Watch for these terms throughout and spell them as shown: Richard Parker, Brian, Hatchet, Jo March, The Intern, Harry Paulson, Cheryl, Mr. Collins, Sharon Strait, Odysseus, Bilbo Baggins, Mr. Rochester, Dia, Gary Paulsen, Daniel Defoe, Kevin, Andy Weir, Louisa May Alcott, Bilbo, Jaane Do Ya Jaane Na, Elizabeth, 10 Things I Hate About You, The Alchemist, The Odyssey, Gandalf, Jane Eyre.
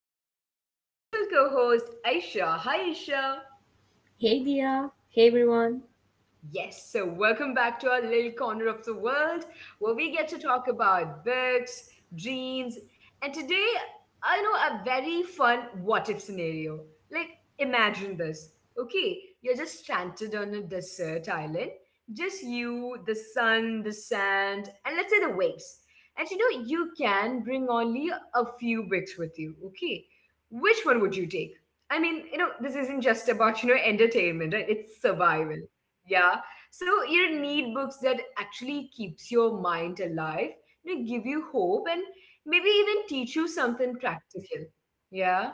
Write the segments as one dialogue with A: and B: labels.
A: I have my wonderful co host Aisha. Hi Aisha.
B: Hey Dia, hey everyone.
A: Yes, so welcome back to our little corner of the world where we get to talk about books, dreams, and today I know a very fun what if scenario. Like, imagine this. Okay, you're just stranded on a desert island, just you, the sun, the sand, and let's say the waves. And you can bring only a few books with you. Okay, which one would you take? I mean, this isn't just about, entertainment, right? It's survival. Yeah, so you need books that actually keeps your mind alive, give you hope and maybe even teach you something practical. Yeah.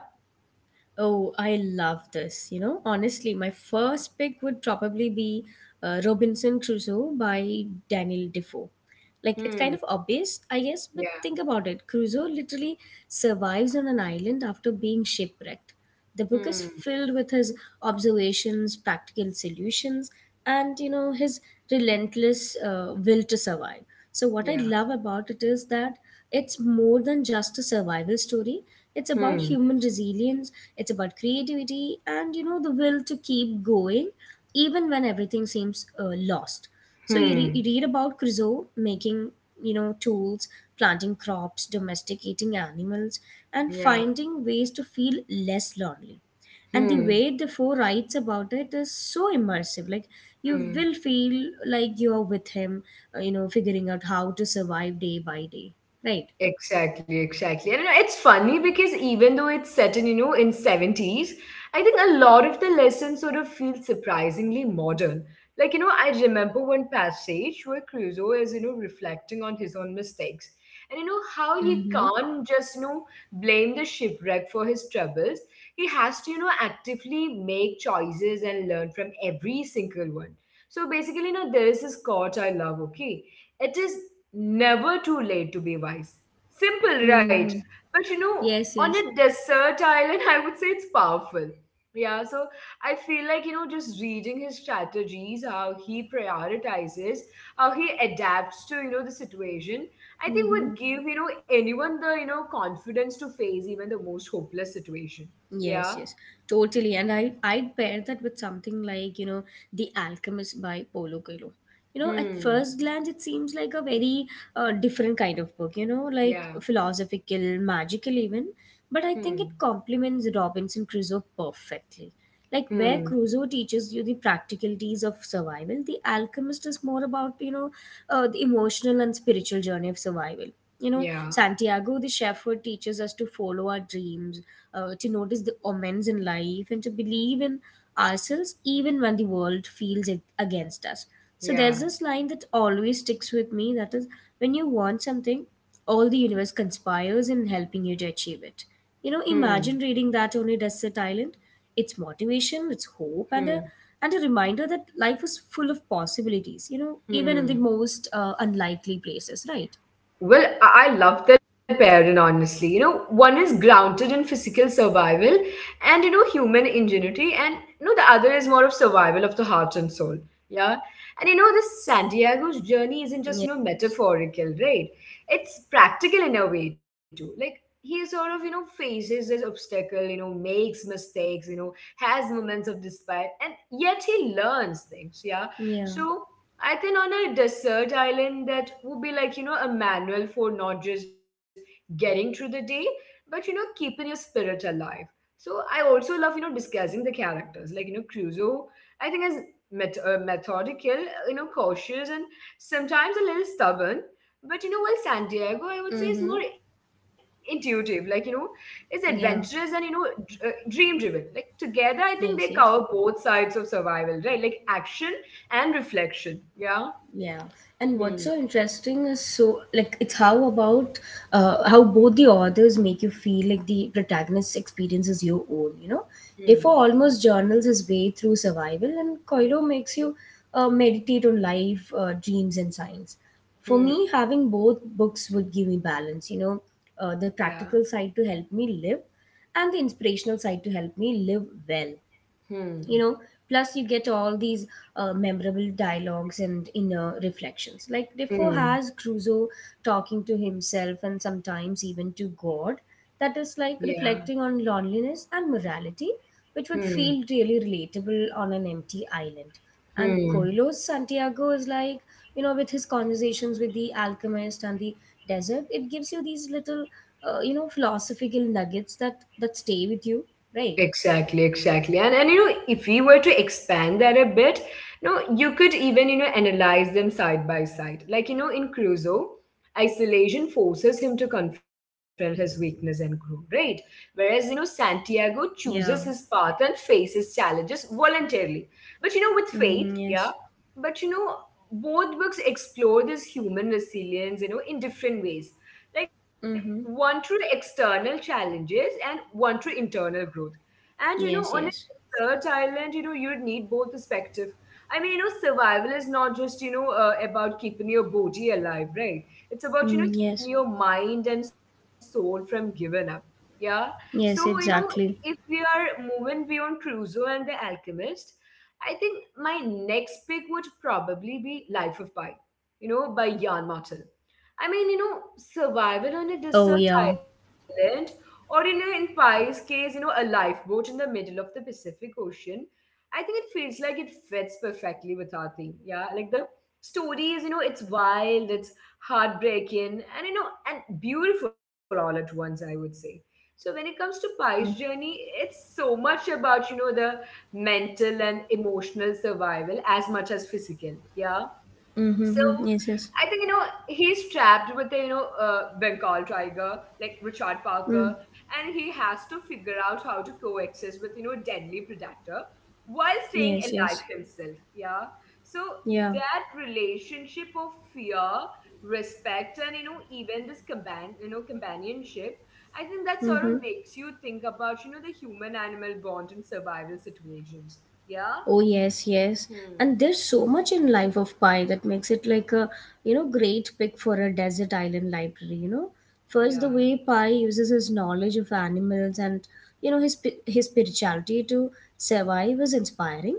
B: Oh, I love this. You know, honestly, my first pick would probably be Robinson Crusoe by Daniel Defoe. Like, it's kind
A: Hmm.
B: of obvious, I guess, but
A: Yeah.
B: think about it. Crusoe literally survives on an island after being shipwrecked. The book is
A: Hmm.
B: filled with his observations, practical solutions, and, you know, his relentless will to survive. So, what I
A: Yeah.
B: love about it is that it's more than just a survival story. It's about
A: Hmm.
B: human resilience, it's about creativity, and you know the will to keep going even when everything seems lost. So you,
A: Hmm.
B: you read about Crusoe making, you know, tools, planting crops, domesticating animals, and
A: Yeah.
B: finding ways to feel less lonely. And the
A: Hmm.
B: way the four writes about it is so immersive. Like, you
A: Hmm.
B: will feel like you are with him, you know, figuring out how to survive day by day. Right.
A: Exactly, exactly. And it's funny because even though it's set in, in '70s, I think a lot of the lessons sort of feel surprisingly modern. Like, I remember one passage where Crusoe is, reflecting on his own mistakes. And you know how he
B: Mm-hmm.
A: can't just, blame the shipwreck for his troubles. He has to, actively make choices and learn from every single one. So basically, there is this quote I love, okay? It is never too late to be wise. Simple, right?
B: Mm-hmm.
A: But
B: Yes,
A: on
B: yes.
A: a desert island, I would say it's powerful. Yeah, so I feel like, just reading his strategies, how he prioritizes, how he adapts to, the situation, I think
B: Mm-hmm.
A: would give, anyone the, confidence to face even the most hopeless situation.
B: Yes,
A: Yeah.
B: yes, totally. And I'd pair that with something like, you know, The Alchemist by Paulo Coelho. You know, at
A: Hmm.
B: first glance, it seems like a very different kind of book, you know, like
A: Yeah.
B: philosophical, magical even. But I think it
A: Hmm.
B: complements Robinson Crusoe perfectly. Like, where
A: Hmm.
B: Crusoe teaches you the practicalities of survival, The Alchemist is more about, you know, the emotional and spiritual journey of survival. You know,
A: Yeah.
B: Santiago, the shepherd, teaches us to follow our dreams, to notice the omens in life and to believe in ourselves even when the world feels against us. So there's this
A: Yeah.
B: line that always sticks with me, that is, when you want something, all the universe conspires in helping you to achieve it. You know,
A: Hmm.
B: imagine reading that only Desert Island. It's motivation, it's hope, and a
A: Hmm.
B: and a reminder that life is full of possibilities. You know, even in the
A: Hmm.
B: most unlikely places, right?
A: Well, I love that pairing, honestly. One is grounded in physical survival and, human ingenuity, and, the other is more of survival of the heart and soul. Yeah. And, this Santiago's journey isn't just,
B: Yeah.
A: metaphorical, right? It's practical in a way, too. Like, he sort of, faces this obstacle, makes mistakes, has moments of despair, and yet he learns things. Yeah.
B: Yeah,
A: So, I think on a desert island, that would be like, a manual for not just getting through the day, but, keeping your spirit alive. So I also love, discussing the characters. Like, Crusoe, I think, is methodical, cautious, and sometimes a little stubborn. But, while Santiago, I would say, is
B: mm-hmm,
A: more intuitive. Like, is adventurous and,
B: yeah.
A: dream driven. Like, together, I think they
B: Yes,
A: cover
B: yes.
A: both sides of survival, right? Like, action and reflection. Yeah.
B: Yeah, and what's
A: Hmm.
B: so interesting is, so like, it's how about, how both the authors make you feel like the protagonist's experience is your own. You know,
A: Hmm.
B: Defoe almost journals his way through survival, and Coelho makes you meditate on life, dreams, and science. For
A: Hmm.
B: me, having both books would give me balance. You know,
A: Yeah.
B: the practical side to help me live, and the inspirational side to help me live well. You
A: Hmm.
B: know, plus you get all these memorable dialogues and inner reflections, like Defoe
A: Hmm.
B: has Crusoe talking to himself and sometimes even to God, that is
A: Yeah.
B: like reflecting on loneliness and morality, which would
A: Hmm.
B: feel really relatable on an empty island. And
A: Hmm.
B: Coelho's Santiago is like, you know, with his conversations with the alchemist and the desert, it gives you these little, you know, philosophical nuggets that stay with you, right?
A: Exactly, exactly. And if we were to expand that a bit, you could even, analyze them side by side. Like, in Crusoe, isolation forces him to confront his weakness and grow, right? Whereas, Santiago
B: Yeah.
A: chooses his path and faces challenges voluntarily. But with
B: Mm-hmm,
A: faith,
B: yes.
A: yeah. But both books explore this human resilience, in different ways. Like
B: Mm-hmm.
A: one through external challenges and one through internal growth and
B: Yes,
A: on a
B: yes.
A: desert island, you'd need both perspective. I mean, survival is not just, about keeping your body alive, right? It's about,
B: Mm,
A: keeping
B: yes.
A: your mind and soul from giving up. Yeah. So,
B: Yes,
A: if we
B: exactly.
A: are moving beyond Crusoe and the Alchemist, I think my next pick would probably be Life of Pi, by Jan Martin. I mean, survival on a
B: Oh,
A: desert
B: yeah.
A: island or, in Pi's case, a lifeboat in the middle of the Pacific Ocean. I think it feels like it fits perfectly with our theme. Yeah. Like the story is, it's wild, it's heartbreaking, and, and beautiful all at once, I would say. So when it comes to Pi's
B: Mm-hmm.
A: journey, it's so much about, the mental and emotional survival as much as physical. Yeah,
B: Mm-hmm.
A: so
B: Mm-hmm. Yes, yes.
A: I think he's trapped with the Bengal tiger like Richard
B: Mm.
A: Parker, and he has to figure out how to coexist with deadly predator while staying
B: Yes,
A: alive
B: yes.
A: himself. Yeah, so
B: Yeah.
A: that relationship of fear, respect, and even this companionship, I think that sort
B: Mm-hmm.
A: of makes you think about the human animal bond in survival situations. Yeah.
B: Oh yes, yes.
A: Hmm.
B: And there's so much in Life of Pi that makes it like a, you know, great pick for a desert island library, you know. First, the way
A: Yeah.
B: Pi uses his knowledge of animals and, you know, his his spirituality to survive is inspiring.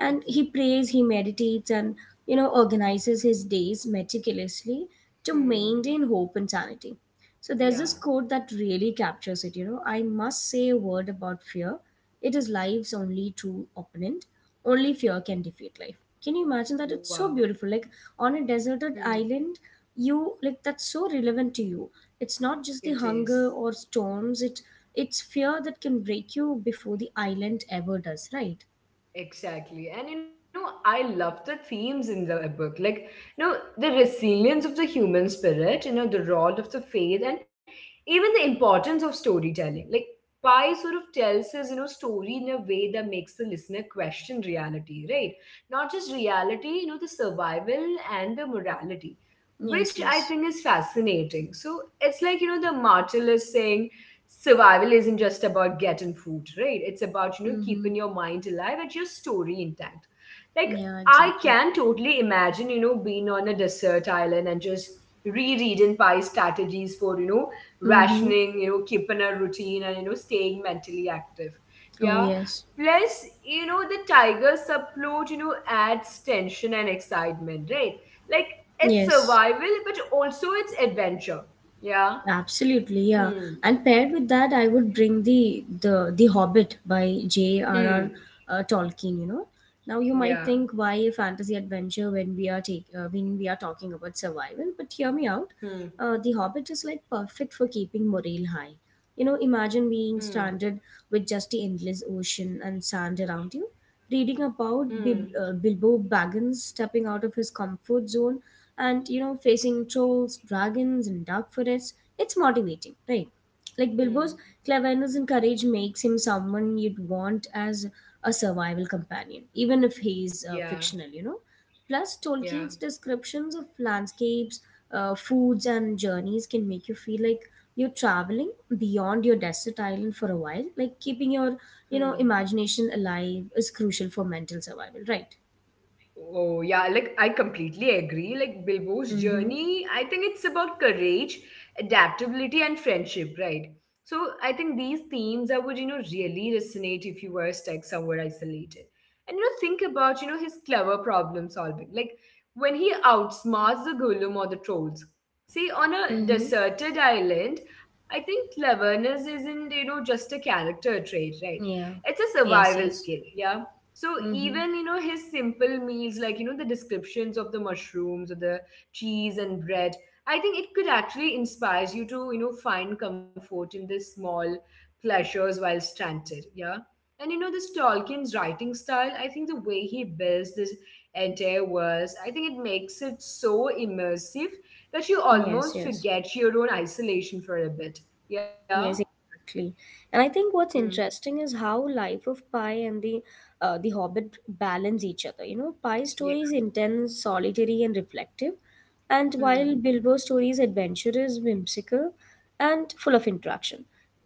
B: And
A: It
B: he
A: is.
B: prays, he meditates, and, you know, organizes his days meticulously to
A: Hmm.
B: maintain hope and sanity. So there's this
A: Yeah.
B: quote that really captures it, you know. I must say a word about fear. It is life's only true opponent. Only fear can defeat life. Can you imagine that? It's so
A: Wow.
B: beautiful. Like, on a deserted
A: Hmm.
B: island, you, like, that's so relevant to you. It's not just the
A: It
B: hunger
A: is.
B: or storms, it's fear that can break you before the island ever does, right?
A: Exactly. And I love the themes in the book. Like, the resilience of the human spirit, the role of the faith, and even the importance of storytelling. Like, Pi sort of tells his, story in a way that makes the listener question reality, right? Not just reality, the survival and the morality,
B: Yes,
A: which I
B: yes.
A: think is fascinating. So it's like, the martyr is saying, survival isn't just about getting food, right? It's about,
B: Mm-hmm.
A: keeping your mind alive and your story intact. Like,
B: Yeah,
A: I
B: exactly.
A: can totally imagine, being on a desert island and just rereading pie strategies for,
B: Mm-hmm.
A: rationing, keeping a routine and, staying mentally active.
B: Oh
A: Yeah.
B: yes,
A: Plus, the tiger subplot, adds tension and excitement, right? Like, it's
B: yes.
A: survival, but also it's adventure. Yeah.
B: Absolutely, yeah.
A: Hmm.
B: And paired with that, I would bring the Hobbit by J.R.R.
A: Hmm.
B: Tolkien. You know, now you might
A: Yeah.
B: think, why a fantasy adventure when we are take when we are talking about survival, but hear me out.
A: Hmm.
B: The Hobbit is like perfect for keeping morale high. You know, imagine being
A: Hmm.
B: stranded with just the endless ocean and sand around you. Reading about
A: Hmm.
B: Bilbo Baggins stepping out of his comfort zone and, you know, facing trolls, dragons, and dark forests, it's motivating, right? Like, Bilbo's
A: Hmm.
B: cleverness and courage makes him someone you'd want as a survival companion, even if he's
A: Yeah.
B: fictional, you know. Plus,
A: Yeah.
B: Tolkien's descriptions of landscapes, foods, and journeys can make you feel like you're traveling beyond your desert island for a while. Like, keeping your, you know,
A: Hmm.
B: imagination alive is crucial for mental survival, right?
A: Oh, yeah, like I completely agree. Like Bilbo's
B: Mm-hmm.
A: journey, I think it's about courage, adaptability, and friendship, right? So I think these themes I would, really resonate if you were stuck somewhere isolated. And think about, his clever problem solving. Like when he outsmarts the Gollum or the trolls. See, on a
B: Mm-hmm.
A: deserted island, I think cleverness isn't, just a character trait, right?
B: Yeah.
A: It's a
B: Yes,
A: survival
B: yes.
A: skill. Yeah, so
B: Mm-hmm.
A: even his simple meals, like the descriptions of the mushrooms or the cheese and bread, I think it could actually inspire you to find comfort in the small pleasures while stranded. Yeah, and this Tolkien's writing style, I think the way he builds this entire verse, I think it makes it so immersive that you
B: Yes,
A: almost
B: yes.
A: forget your own isolation for a bit. Yeah.
B: Yes, exactly. And I think what's
A: Hmm.
B: interesting is how Life of Pi and the Hobbit balance each other. You know, Pi's
A: Yeah.
B: story is intense, solitary, and reflective, and while
A: Hmm.
B: Bilbo's story is adventurous, whimsical, and full of interaction,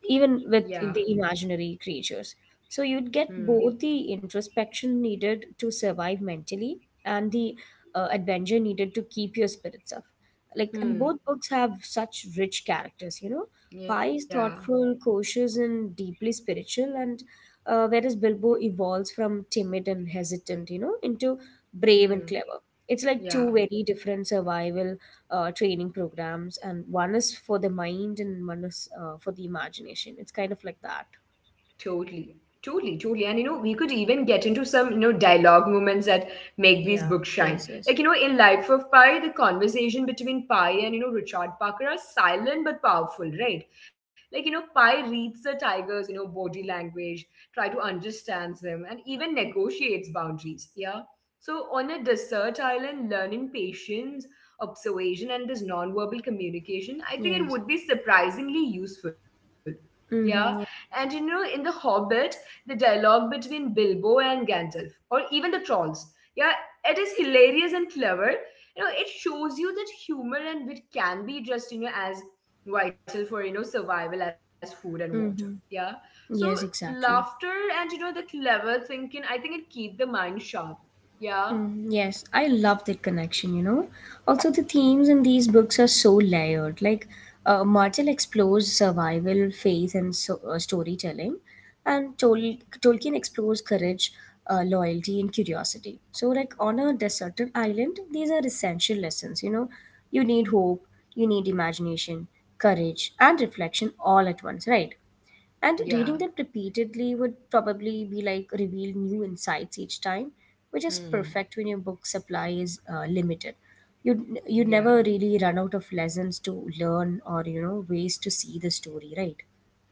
B: even with
A: Yeah.
B: the imaginary creatures. So you'd get
A: Hmm.
B: both the introspection needed to survive mentally and the, adventure needed to keep your spirits up. Like, and both
A: Hmm.
B: books have such rich characters, you know. Pi is
A: Yeah.
B: thoughtful, cautious, and deeply spiritual. And, whereas Bilbo evolves from timid and hesitant, you know, into brave and clever.
A: Hmm.
B: It's like two very
A: Yeah.
B: different survival, training programs, and one is for the mind and one is for the imagination. It's kind of like that.
A: Totally. Totally, totally. And we could even get into some, dialogue moments that make these
B: Yeah,
A: books shine.
B: yes, yes.
A: Like, in Life of Pi, the conversation between Pi and, Richard Parker are silent but powerful, right? Like, Pi reads the tiger's, body language, try to understand them, and even negotiates boundaries. Yeah. So on a desert island, learning patience, observation, and this nonverbal communication, I think it
B: Yes.
A: would be surprisingly useful. Yeah, and
B: Mm-hmm.
A: in The Hobbit, the dialogue between Bilbo and Gandalf, or even the trolls, yeah, it is hilarious and clever. It shows you that humor and wit can be just, as vital for, survival as food and water.
B: Yeah.
A: Yeah.
B: Mm-hmm.
A: So
B: Yes,
A: laughter
B: exactly.
A: and, the clever thinking, I think it keep the mind sharp. Yeah.
B: Mm, yes, I love that connection, you know. Also, the themes in these books are so layered. Like, Martel explores survival, faith, and so, storytelling, and Tolkien explores courage, loyalty, and curiosity. So, like, on a deserted island, these are essential lessons, you know. You need hope, you need imagination, courage, and reflection all at once, right? And
A: Yeah.
B: reading them repeatedly would probably be like reveal new insights each time, which is
A: Hmm.
B: perfect when your book supply is limited. You you
A: Yeah.
B: never really run out of lessons to learn, or, you know, ways to see the story, right?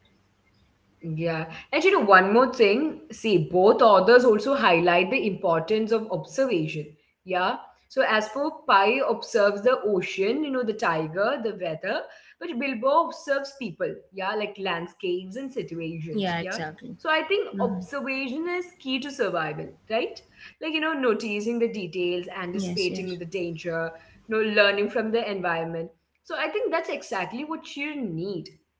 A: Yeah. And one more thing, see, both authors also highlight the importance of observation. Yeah. So, as for Pi observes the ocean, the tiger, the weather, but Bilbo observes people, yeah, like landscapes and situations, yeah.
B: Yeah,
A: So, I
B: exactly.
A: think
B: Mm-hmm.
A: observation is key to survival, right? Like, noticing the details,
B: Yes,
A: anticipating
B: yes.
A: the danger, learning from the environment. So, I think that's exactly what you need.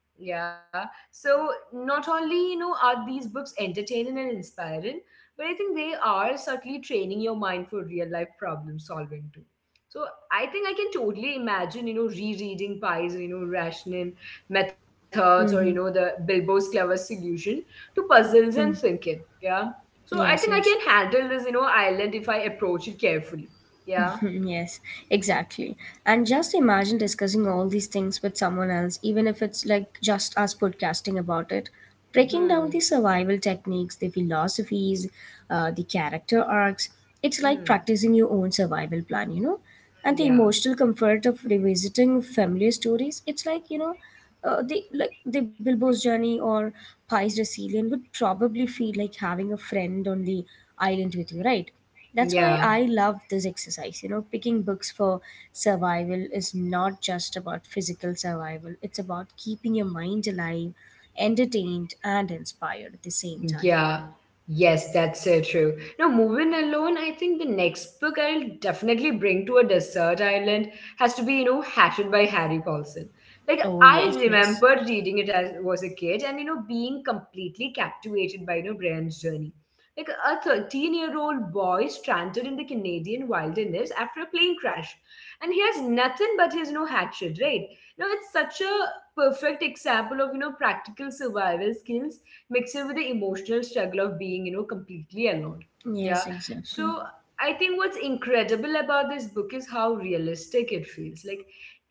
A: Yeah, so not only are these books entertaining and inspiring, but I think they are certainly training your mind for real life problem solving too. So I think I can totally imagine rereading Pi's rationing methods or the
B: Mm-hmm.
A: Bilbo's clever solution to puzzles and
B: Mm.
A: thinking. Yeah. So I think I
B: Yes,
A: can
B: yes.
A: handle this island if I approach it carefully. Yeah.
B: Yes, exactly. And just imagine discussing all these things with someone else, even if it's like just us podcasting about it. Breaking down
A: Hmm.
B: the survival techniques, the philosophies, the character arcs. It's like
A: Hmm.
B: practicing your own survival plan, you know? And the
A: Yeah.
B: emotional comfort of revisiting familiar stories. It's like, you know, the, like, the Bilbo's journey or Pi's Brazilian would probably feel like having a friend on the island with you, right? That's why
A: Yeah.
B: I love this exercise. You know, picking books for survival is not just about physical survival, it's about keeping your mind alive, entertained, and inspired at the same time.
A: Yeah, yes, that's so true. Now, moving alone, I think the next book I'll definitely bring to a desert island has to be, Hatchet by Harry Paulson. Like,
B: Oh, yes,
A: I
B: yes.
A: remember reading it as was a kid and, being completely captivated by, Brian's journey. Like, a 13-year-old boy stranded in the Canadian wilderness after a plane crash. And he has nothing but his, hatchet, right? Now, it's such a perfect example of, practical survival skills mixed in with the emotional struggle of being, completely alone. Yeah.
B: Yes, exactly.
A: So I think what's incredible about this book is how realistic it feels. Like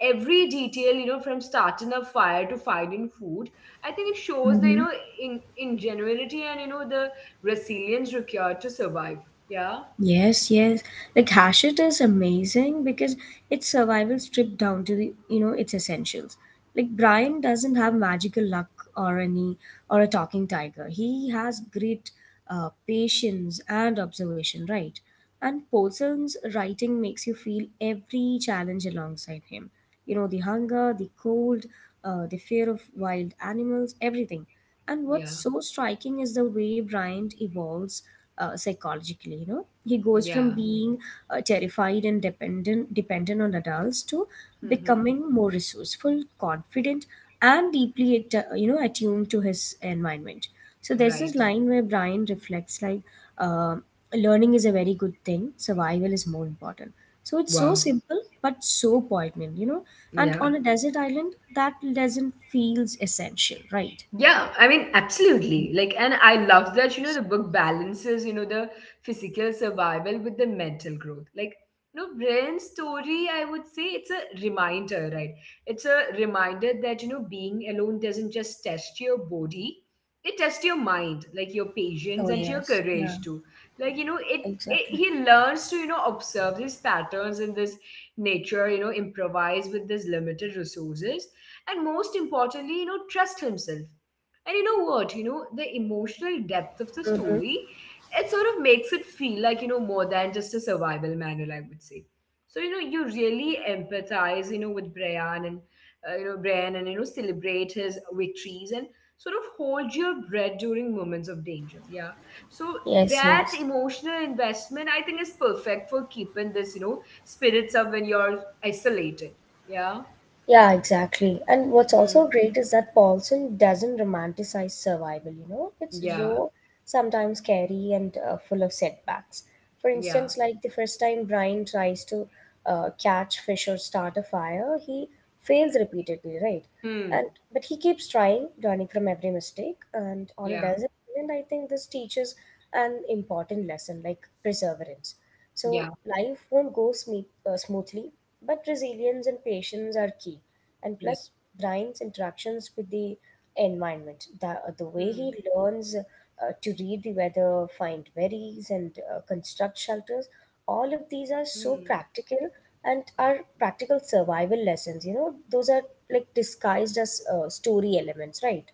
A: every detail, from starting a fire to finding food, I think it shows the,
B: Mm-hmm.
A: in ingenuity and the resilience required to survive. Yeah.
B: Yes, yes. Like, Hachette is amazing because it's survival stripped down to, the you know, its essentials. Like, Brian doesn't have magical luck or any or a talking tiger. He has great, patience and observation, right? And Paulson's writing makes you feel every challenge alongside him. You know, the hunger, the cold, the fear of wild animals, everything. And what's
A: Yeah.
B: so striking is the way Bryant evolves psychologically. You know, he goes from
A: Yeah.
B: being terrified and dependent on adults to
A: hmm
B: becoming more resourceful, confident, and deeply you know, attuned to his environment. So there's this
A: Right.
B: line where Brian reflects, like, uh, learning is a very good thing, survival is more important. So it's so
A: Wow.
B: simple but so poignant, you know, and
A: Yeah.
B: on a desert island that doesn't feels essential, right?
A: Yeah, I mean, absolutely. Like, and I love that, the book balances, the physical survival with the mental growth. Like, Brian's story, I would say it's a reminder, right? It's a reminder that, being alone doesn't just test your body, it tests your mind, like your
B: Oh
A: patience and your
B: yes, yeah,
A: courage too. Like, it
B: exactly.
A: he learns to, observe these patterns in this nature, improvise with these limited resources, and most importantly, trust himself and the emotional depth of the story, it sort of makes it feel like, more than just a survival manual, I would say. So, you really empathize, Brian and, celebrate his victories and sort of hold your breath during moments of danger. Yeah. So
B: Yes,
A: that
B: yes.
A: emotional investment, I think, is perfect for keeping this, spirits up when you're isolated. Yeah.
B: Yeah, exactly. And what's also
A: Hmm.
B: great is that Paulson doesn't romanticize survival, you know? It's
A: Yeah.
B: raw, sometimes scary, and full of setbacks. For
A: Yeah.
B: instance, like, the first time Brian tries to catch fish or start a fire, he fails repeatedly, right?
A: Hmm.
B: And but he keeps trying, learning from every mistake. And on a
A: Yeah.
B: desert island, I think this teaches an important lesson, like perseverance. So
A: Yeah.
B: life won't go smoothly, but resilience and patience are key. And
A: Yeah.
B: plus, Brian's interactions with the environment, the way
A: Hmm.
B: he learns, to read the weather, find berries, and construct shelters, all of these are
A: Hmm.
B: so practical and are practical survival lessons. You know, those are like disguised as story elements, right?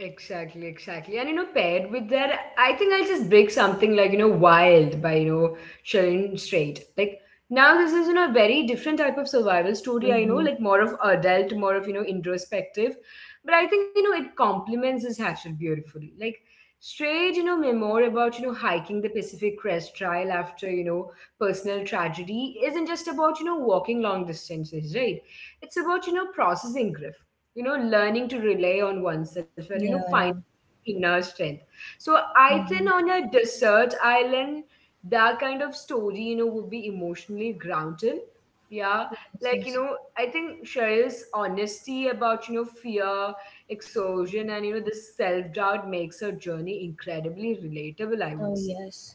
A: Exactly, exactly. And paired with that, I think I'll just break something like, wild by, Sharon Strait. Like now this is, a very different type of survival story, I know,
B: Mm-hmm.
A: like more of adult, more of, introspective. But I think, it complements this hatchet beautifully. Like Strait, memoir about, hiking the Pacific Crest Trail after, personal tragedy isn't just about, walking long distances, right? It's about, processing grief, learning to rely on oneself, and
B: Yeah,
A: finding
B: yeah.
A: inner strength. So I think
B: Mm-hmm.
A: on a desert island that kind of story, would be emotionally grounded. Yeah.
B: Yes,
A: Like,
B: yes.
A: I think Cheryl's honesty about, fear, exhaustion, and this self-doubt makes her journey incredibly relatable, I would
B: Oh
A: say.
B: yes,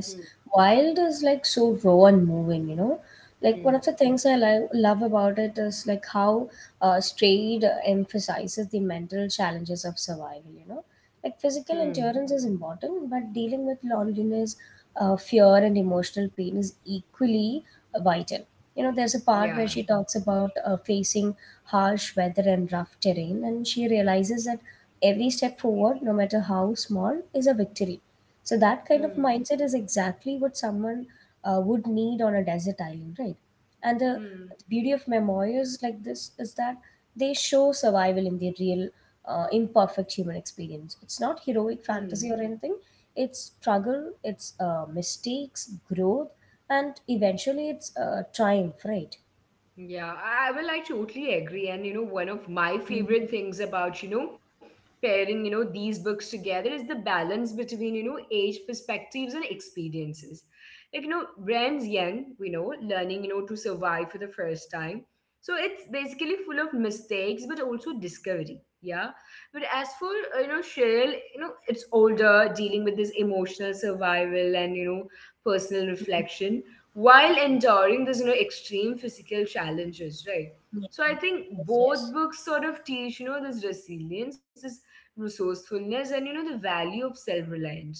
A: Hmm.
B: Wild is like so raw and moving, you know. Like, one
A: Hmm.
B: of the things I love about it is like how Strayed emphasizes the mental challenges of survival, you know. Like, physical
A: Hmm.
B: endurance is important, but dealing with loneliness, fear, and emotional pain is equally vital. You know, there's a part
A: Yeah.
B: where she talks about facing harsh weather and rough terrain, and she realizes that every step forward, no matter how small, is a victory, so that kind of
A: Hmm.
B: mindset is exactly what someone would need on a desert island, right? And the,
A: Hmm.
B: the beauty of memoirs like this is that they show survival in the real, imperfect human experience. It's not heroic
A: Hmm.
B: fantasy or anything. It's struggle, it's mistakes, growth, and eventually it's triumph, right?
A: Yeah, I will. I totally agree. And one of my favorite
B: Mm-hmm.
A: things about pairing these books together is the balance between age perspectives and experiences. Like, Rand's young, we know, learning to survive for the first time. So it's basically full of mistakes, but also discovery. Yeah. But as for Cheryl, it's older, dealing with this emotional survival and personal reflection while enduring these, extreme physical challenges, right?
B: Yes,
A: So I think both
B: yes.
A: books sort of teach, this resilience, this resourcefulness, and the value of self-reliance.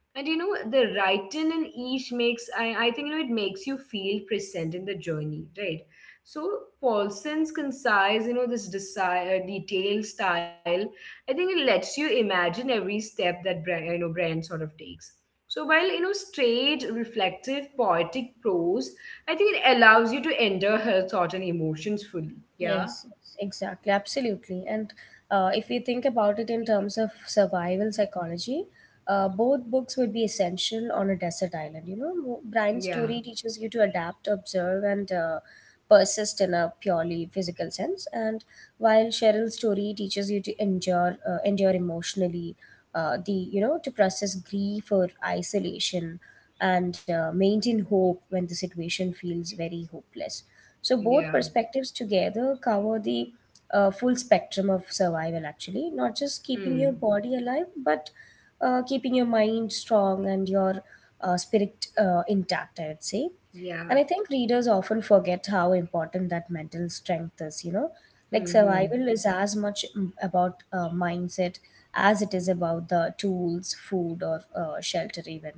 A: And the writing in each makes I think it makes you feel present in the journey, right? So Paulson's concise, this desire detailed style, I think it lets you imagine every step that Brian sort of takes. So while straight, reflective, poetic prose, I think it allows you to enter her thought and emotions fully. Yeah,
B: Yes, yes, exactly, absolutely. And if we think about it in terms of survival psychology, both books would be essential on a desert island. You know, Brian's
A: yeah,
B: story teaches you to adapt, observe, and persist in a purely physical sense, and while Cheryl's story teaches you to endure, endure emotionally, the to process grief or isolation, and maintain hope when the situation feels very hopeless. So both
A: yeah.
B: perspectives together cover the full spectrum of survival, actually, not just keeping
A: Hmm.
B: your body alive, but keeping your mind strong and your spirit intact, I would say. And I
A: Yeah.
B: think readers often forget how important that mental strength is, you know. Like
A: Hmm.
B: survival
A: Hmm.
B: is as much about mindset as it is about the tools, food, or shelter, even,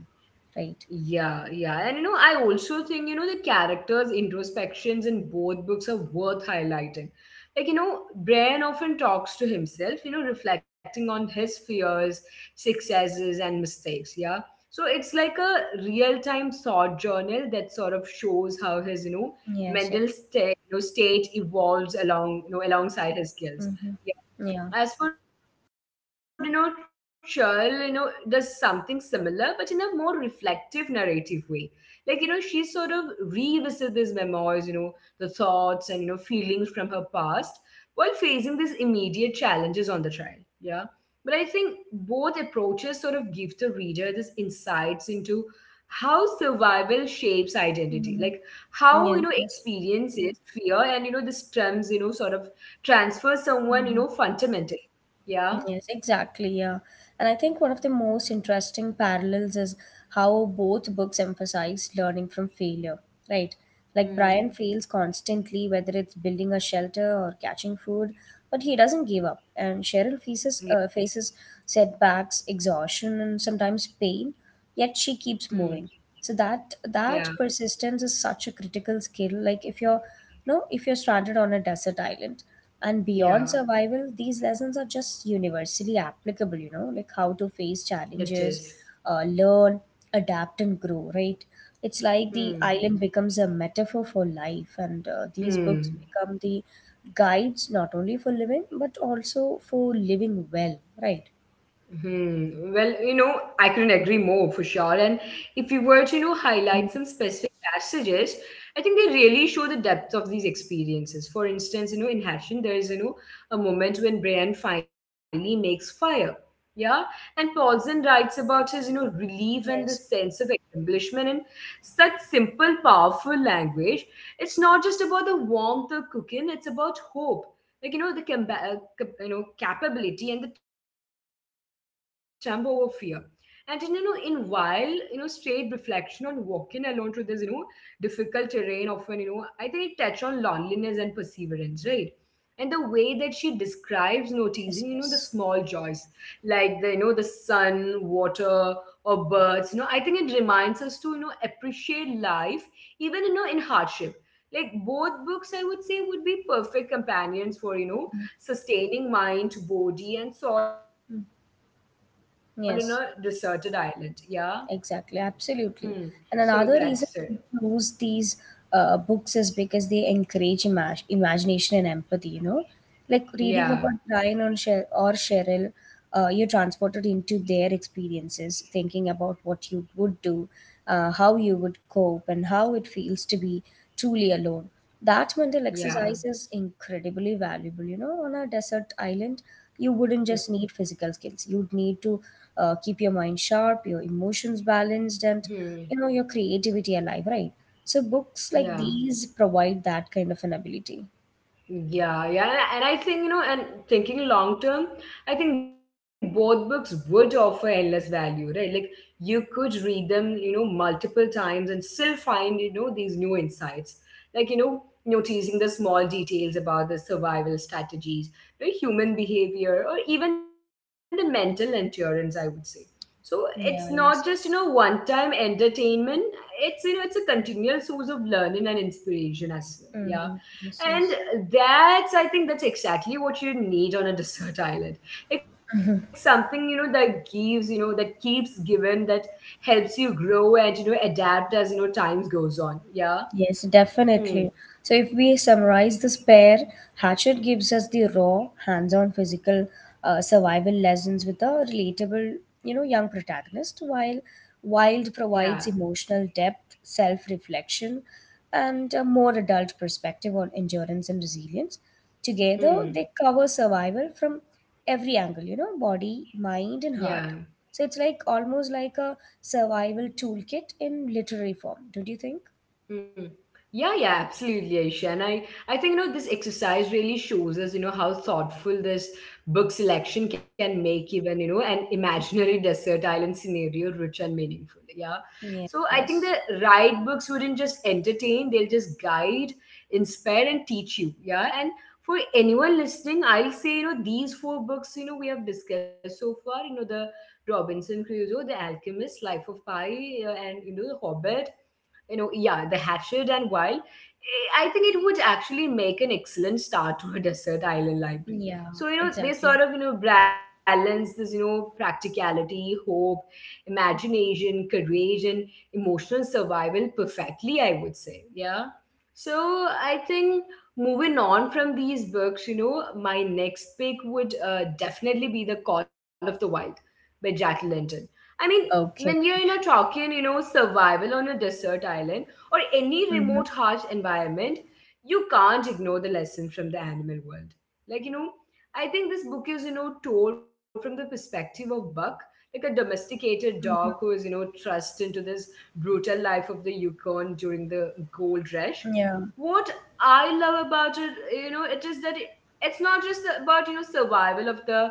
B: right?
A: Yeah, yeah. And I also think, the characters' introspections in both books are worth highlighting. Like, Bran often talks to himself, reflecting on his fears, successes, and mistakes. Yeah. So it's like a real time thought journal that sort of shows how his, you know,
B: Yes. Yeah.
A: mental state, you know, state evolves along, alongside his skills.
B: Mm-hmm. Yeah.
A: As for Churl, does something similar, but in a more reflective narrative way. Like, she sort of revisits these memoirs, the thoughts and feelings from her past, while facing these immediate challenges on the trial. Yeah, but I think both approaches sort of give the reader this insights into how survival shapes identity, like how,
B: Mm-hmm. Yes. Yes.
A: experiences, fear, and the terms, sort of transfer someone,
B: Mhm.
A: fundamentally. Yeah.
B: Yes, exactly. Yeah. And I think one of the most interesting parallels is how both books emphasize learning from failure, right? Like Brian
A: Hmm.
B: fails constantly, whether it's building a shelter or catching food, but he doesn't give up. And Cheryl faces,
A: Yeah.
B: faces setbacks, exhaustion, and sometimes pain, yet she keeps
A: Hmm.
B: moving. So that
A: Yeah.
B: persistence is such a critical skill. Like if you're no, if you're stranded on a desert island and beyond
A: Yeah.
B: survival, these lessons are just universally applicable, you know, like how to face
A: It is.
B: challenges, learn, adapt, and grow, right? It's like the island
A: Hmm.
B: becomes a metaphor for life, and these books become
A: Hmm.
B: the guides not only for living but also for living well, right?
A: Hmm. Well, I couldn't agree more for sure. And if we were to,
B: Mhm.
A: highlight some specific passages, I think they really show the depth of these experiences. For instance, in Hashin, there is, a moment when Brian finally makes fire. Yeah. And Paulson writes about his, relief and the
B: Yes,
A: sense of accomplishment in such simple, powerful language. It's not just about the warmth of cooking, it's about hope. Like, the, capability and the trump over fear. And in, in while, straight reflection on walking alone through this, difficult terrain often, I think it touched on loneliness and perseverance, right? And the way that she describes noticing,
B: yes,
A: the
B: yes.
A: small joys, like the, the sun, water, or birds, I think it reminds us to, appreciate life, even, in hardship. Like both books, I would say, would be perfect companions for, sustaining mind, body, and soul
B: Mm.
A: in a deserted island.
B: Yes.
A: Yeah.
B: Exactly,
A: Hmm.
B: absolutely.
A: So
B: And
A: that's
B: another
A: it.
B: reason we choose these books is because they encourage imagination and empathy, you know? Like reading about
A: Yeah.
B: Brian or, Cheryl, you're transported into their experiences, thinking about what you would do, how you would cope, and how it feels to be truly alone. That mental exercise is
A: Yeah.
B: incredibly valuable. You know, on a desert island, you wouldn't just need physical skills, you'd need to keep your mind sharp, your emotions balanced, and
A: Hmm.
B: you know your creativity alive, right? So books like
A: Yeah.
B: these provide that kind of an ability.
A: Yeah, yeah, and I think, and thinking long term, I think both books would offer endless value, right? Like you could read them, multiple times and still find, these new insights. Like, noticing the small details about the survival strategies, the human behavior, or even the mental endurance. I would say. So it's
B: Yeah.
A: not
B: Yes.
A: just,
B: Yes.
A: one time entertainment. It's, it's a continual source of learning and inspiration as well. Yeah.
B: Mm-hmm. Yes. Yes.
A: And I think that's exactly what you need on a desert island. Like something, that gives, that keeps giving, that helps you grow and, adapt as, times goes on. Yeah.
B: Yes,
A: Hmm.
B: definitely. So, if we summarize this pair, Hatchet gives us the raw, hands on physical survival lessons with a relatable, you know, young protagonist, while Wild
A: Yeah.
B: provides emotional depth, self reflection, and a more adult perspective on endurance and resilience. Together, they
A: Hmm.
B: cover survival from every angle, you know, body, mind, and
A: Yeah.
B: heart. So, it's like almost like a survival toolkit in literary form, don't you think?
A: Mm. Yeah, yeah, absolutely, Aisha. And I think, this exercise really shows us, how thoughtful this book selection can make even, an imaginary desert island scenario rich and meaningful. Yeah.
B: Yes,
A: So I think
B: yes.
A: the right books wouldn't just entertain, they'll just guide, inspire, and teach you. Yeah. And for anyone listening, I'll say, these four books, we have discussed so far, the Robinson Crusoe, The Alchemist, Life of Pi, and, The Hobbit, yeah, the hatchet and wild, eh, I think it would actually make an excellent start to a desert island library.
B: Yeah,
A: So, they
B: exactly.
A: sort of, balance this, practicality, hope, imagination, courage, and emotional survival perfectly, I would say. Yeah. So I think moving on from these books, my next pick would definitely be The Call of the Wild by Jack London. I mean, when we are,
B: Okay.
A: talking, survival on a desert island or any
B: Mm-hmm,
A: remote harsh environment, you can't ignore the lessons from the animal world. Like, I think this book is, told from the perspective of Buck, like a domesticated dog who
B: mm-hmm,
A: is, thrust into this brutal life of the Yukon during the gold rush.
B: yeah.
A: What I love about it, you know it is that it's not just about, survival of the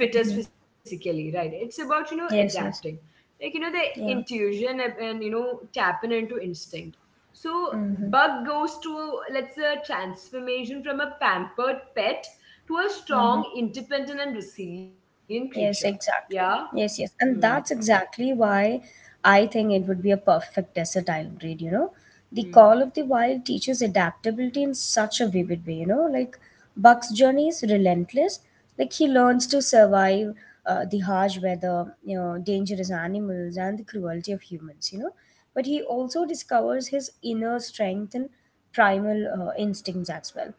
A: fittest
B: Mm-hmm.
A: physically, right? It's about, adapting,
B: Yes, yes.
A: like, the
B: Yeah.
A: intuition and, tapping into instinct. So
B: Mm-hmm,
A: Bug goes to, let's say, a transformation from a pampered pet to a
B: mm-hmm.
A: strong, independent, and resilient creature.
B: Yes,
A: Yeah.
B: exactly. Yes, yes.
A: Hmm.
B: And that's exactly why I think it would be a perfect versatile breed, you know. The
A: Hmm.
B: Call of the Wild teaches adaptability in such a vivid way, you know. Like Buck's journey is relentless. Like he learns to survive the harsh weather, you know, dangerous animals and the cruelty of humans, you know. But he also discovers his inner strength and primal instincts as well.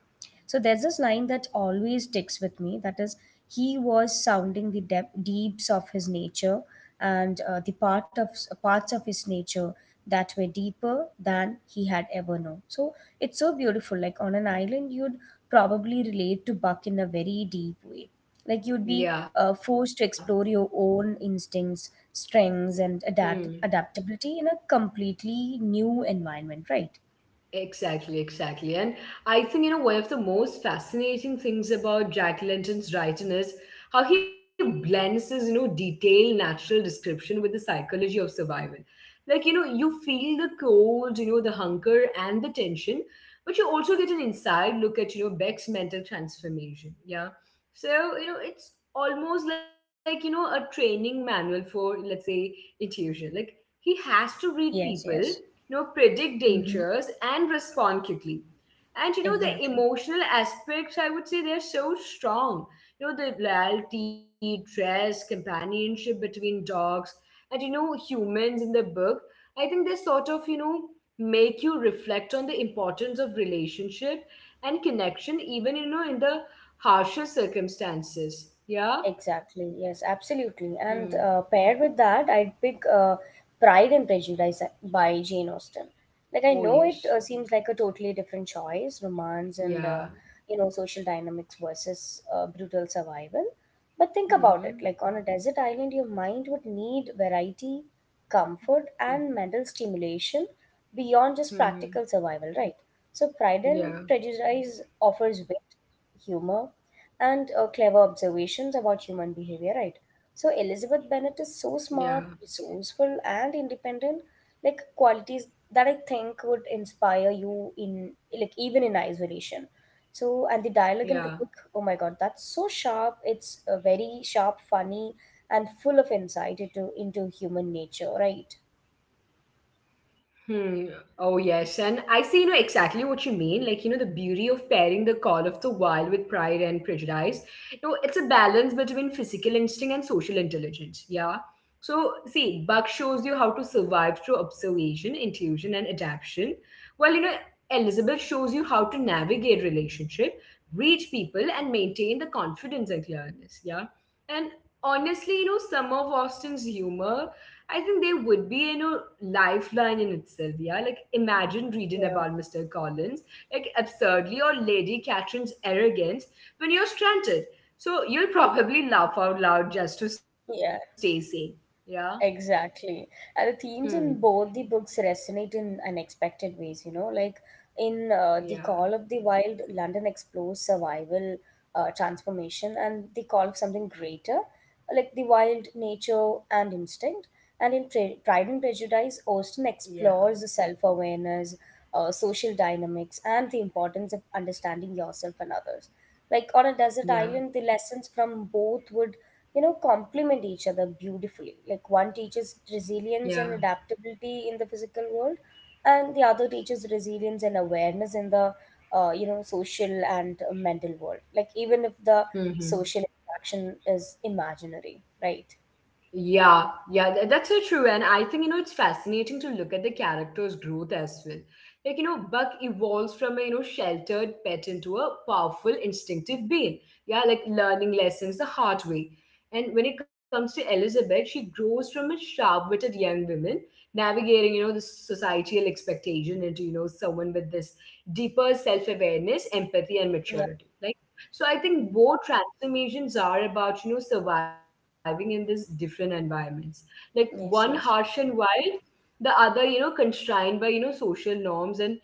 B: So there's this line that always sticks with me that is, he was sounding the deeps of his nature and the parts of his nature that were deeper than he had ever known. So it's so beautiful. Like on an island, you'd probably relate to Buck in a very deep way. Like you'd be
A: Yeah.
B: forced to explore your own instincts, strengths, and
A: Hmm.
B: adaptability in a completely new environment, right?
A: Exactly, exactly. And I think, one of the most fascinating things about Jack Lenton's writing is how he blends his, detailed natural description with the psychology of survival. Like, you feel the cold, the hunger and the tension, but you also get an inside look at, Beck's mental transformation. Yeah. So, it's almost like, a training manual for, let's say, intuition. Like, he has to read
B: Yes,
A: people,
B: yes.
A: predict
B: Mm-hmm.
A: dangers and respond quickly. And the
B: Exactly.
A: emotional aspects, I would say they're so strong. You know the loyalty, trust, companionship between dogs, and, humans in the book, I think they sort of, make you reflect on the importance of relationship and connection, even, in the harsher circumstances. Yeah?
B: Exactly. Yes, absolutely.
A: Hmm.
B: And paired with that, I'd pick Pride and Prejudice by Jane Austen. Like I
A: Oh,
B: know it
A: yes.
B: seems like a totally different choice, romance and
A: Yeah.
B: you know social dynamics versus brutal survival. But think about it.
A: Mm-hmm.
B: Like on a desert island, your mind would need variety, comfort, and
A: Hmm.
B: mental stimulation beyond just practical
A: Hmm.
B: survival, right? So Pride and
A: Yeah.
B: Prejudice offers wit, humor, and clever observations about human behavior, right? So Elizabeth
A: Yeah.
B: Bennet is so smart, resourceful, and independent, like qualities that I think would inspire you in like even in isolation. So and the dialogue
A: Yeah.
B: in the book, oh my god, that's so sharp. It's very sharp, funny, and full of insight into human nature, right?
A: Hmm. Oh, yes. And I see, exactly what you mean. Like, you know, the beauty of pairing the call of the wild with pride and prejudice. You know, it's a balance between physical instinct and social intelligence. Yeah. So, see, Buck shows you how to survive through observation, intuition, and adaptation. While, you know, Elizabeth shows you how to navigate relationship, reach people, and maintain the confidence and clearness. Yeah. And honestly, you know, some of Austin's humor I think they would be, you know, lifeline in itself, yeah. Like imagine reading
B: Yeah,
A: about Mr. Collins, like absurdly, or Lady Catherine's arrogance when you're stranded. So you'll probably laugh out loud just to stay sane.
B: yeah.
A: Yeah.
B: Exactly. And the
A: Hmm.
B: themes in both the books resonate in unexpected ways, you know, like in The
A: Yeah.
B: Call of the Wild, London explores survival, transformation, and the call of something greater, like the wild
A: Yeah.
B: nature and instinct. And in Pride and
A: Hmm.
B: Prejudice, Austen explores the self awareness, social dynamics, and the importance of understanding yourself and others. Like on a desert island, the
A: Yeah.
B: lessons from both would you know complement each other beautifully, like one teaches resilience
A: Yeah.
B: and adaptability in the physical world and the other teaches resilience and awareness in the you know social and mental world, like even if the
A: Hmm. Hmm.
B: social interaction is imaginary, right?
A: Yeah, yeah, that's so true. And I think, you know, it's fascinating to look at the character's growth as well. Like, you know, Buck evolves from a, you know, sheltered pet into a powerful, instinctive being. Yeah, like learning lessons the hard way. And when it comes to Elizabeth, she grows from a sharp-witted young woman, navigating, you know, the societal expectation into, you know, someone with this deeper self-awareness, empathy,
B: Yeah.
A: and maturity. Like, so I
B: Mm.
A: think both transformations are about, you know, surviving in these different environments. Like one
B: Yes,
A: harsh and wild, the other, you know, constrained by, you know, social norms. And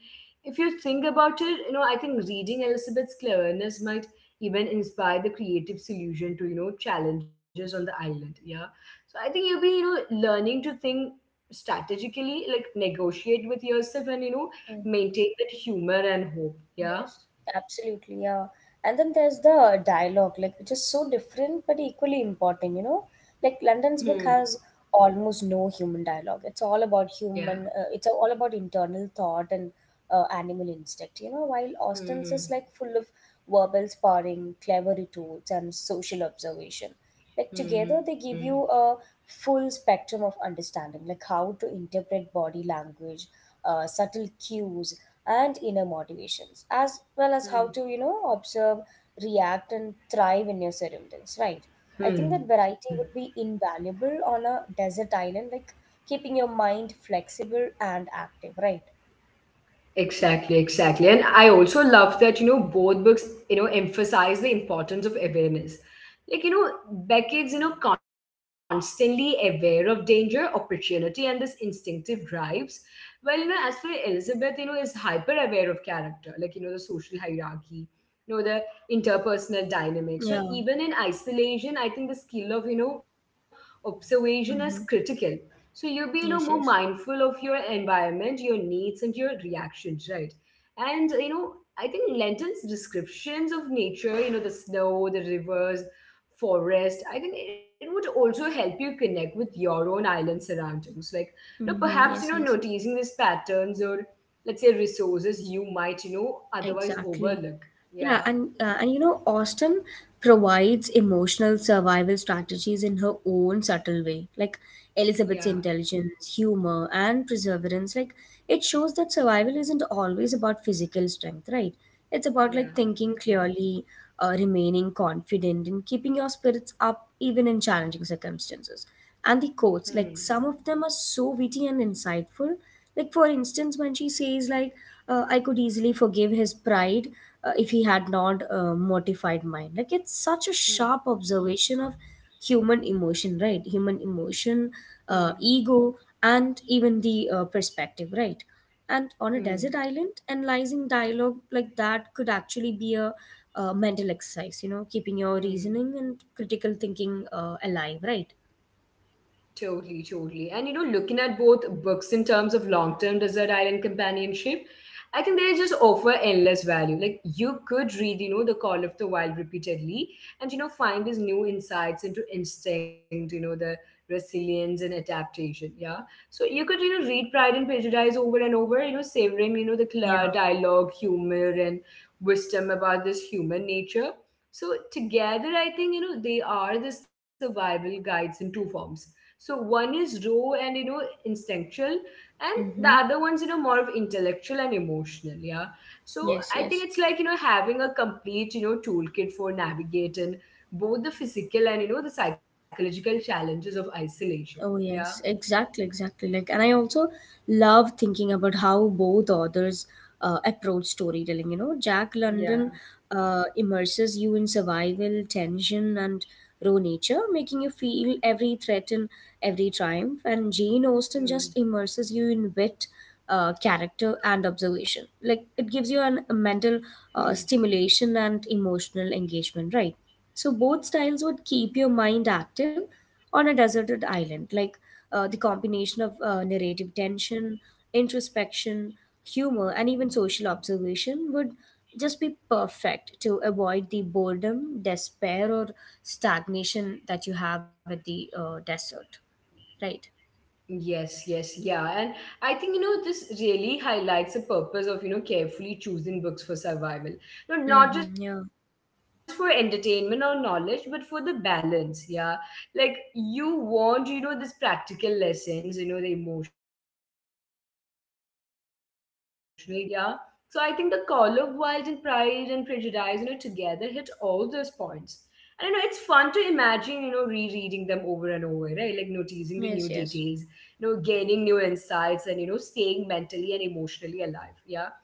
A: if you think about it, you know, I think reading Elizabeth's cleverness might even inspire the creative solution to, you know, challenges on the island. Yeah. So I think you'll be, you know, learning to think strategically, like negotiate with yourself and, you know,
B: yes.
A: maintain that humor and hope.
B: Yes,
A: Yeah.
B: absolutely, yeah. And then there's the dialogue, like which is so different but equally important, you know? Like London's book
A: Hmm.
B: has almost no human dialogue. It's all about human, uh,
A: Yeah.
B: it's all about internal thought and animal instinct, you know? While Austen's is like
A: Hmm.
B: full of verbal sparring, clever retorts, and social observation. Like together, they give you
A: Hmm.
B: a full spectrum of understanding, like how to interpret body language, subtle cues, and inner motivations as well as how to you
A: Hmm.
B: know observe, react, and thrive in your surroundings, right? I think that variety
A: Hmm.
B: would be invaluable on a desert island, like keeping your mind flexible and active, right?
A: Exactly, exactly. And I also love that, you know, both books, you know, emphasize the importance of awareness. Like, you know, Beckett's, you know, constantly aware of danger, opportunity, and this instinctive drives. Well, you know, as for Elizabeth, you know, is hyper aware of character, like, you know, the social hierarchy, you know, the interpersonal dynamics. So
B: Yeah.
A: even in isolation, I think the skill of, you know, observation is
B: Mm-hmm.
A: critical. So you'll be, you know, more
B: Yes, yes.
A: mindful of your environment, your needs, and your reactions, right? And you know, I think Lenton's descriptions of nature, you know, the snow, the rivers, forest, I think it would also help you connect with your own island surroundings. Like, you know,
B: Mm-hmm. Yes,
A: perhaps you
B: yes.
A: know, noticing these patterns or let's say resources you might, you know,
B: Exactly.
A: otherwise overlook.
B: Yeah, and
A: Yeah,
B: and you know, Austen provides emotional survival strategies in her own subtle way. Like Elizabeth's
A: yeah,
B: intelligence, humor, and perseverance, like it shows that survival isn't always about physical strength, right? It's about like thinking
A: yeah.
B: clearly, remaining confident, and keeping your spirits up even in challenging circumstances. And the quotes, like
A: Hmm.
B: some of them are so witty and insightful. Like for instance, when she says like, "I could easily forgive his pride." If he had not mortified mind, like it's such a sharp
A: Hmm.
B: observation of human emotion, right? Human emotion,
A: Hmm.
B: ego, and even the perspective, right? And on a desert
A: Hmm.
B: island, analyzing dialogue like that could actually be a mental exercise, you know, keeping your reasoning and
A: Hmm.
B: critical thinking alive, right?
A: Totally, totally. And you know, looking at both books in terms of long term desert island companionship, I think they just offer endless value. Like you could read, you know, The Call of the Wild repeatedly and, you know, find these new insights into instinct, you know, the resilience and adaptation. Yeah. So you could, you know, read Pride and Prejudice over and over, you know, savoring, you know, the
B: Yeah.
A: clear dialogue, humor, and wisdom about this human nature. So together, I think, you know, they are the survival guides in two forms, so one is raw and you know instinctual, and the
B: Mm-hmm.
A: other one's you know more of intellectual and emotional. Yeah. So
B: Yes,
A: I think
B: yes.
A: it's like you know having a complete you know toolkit for navigating both the physical and you know the psychological challenges of isolation.
B: Oh
A: Yeah.
B: yes, exactly, exactly. Like, and I also love thinking about how both authors approach storytelling. You know, Jack London
A: Yeah.
B: immerses you in survival, tension, and raw nature, making you feel every threat and every triumph. And Jane Austen just
A: Hmm.
B: immerses you in wit, character, and observation. Like, it gives you a mental
A: Hmm.
B: stimulation and emotional engagement, right? So both styles would keep your mind active on a deserted island. Like the combination
A: Hmm.
B: of narrative tension, introspection, humor, and even social observation would just be perfect to avoid the boredom, despair, or stagnation that you have at the desert, right?
A: Yes, yes, yeah. And I think, you know, this really highlights the purpose of, you know, carefully choosing books for survival. No, not just
B: Mm-hmm.
A: for
B: Yeah.
A: entertainment or knowledge, but for the balance, yeah. Like you want, you know, this practical lessons, you know, the emotional guidance, imagination, humor, and insight. Yeah. So I think the call of Wild and Pride and Prejudice, you know, together hit all those points. And you know, it's fun to imagine, you know, rereading them over and over, right? Like noticing the new
B: Yes. Yes.
A: details, you know gaining new insights and you know staying mentally and emotionally alive, yeah.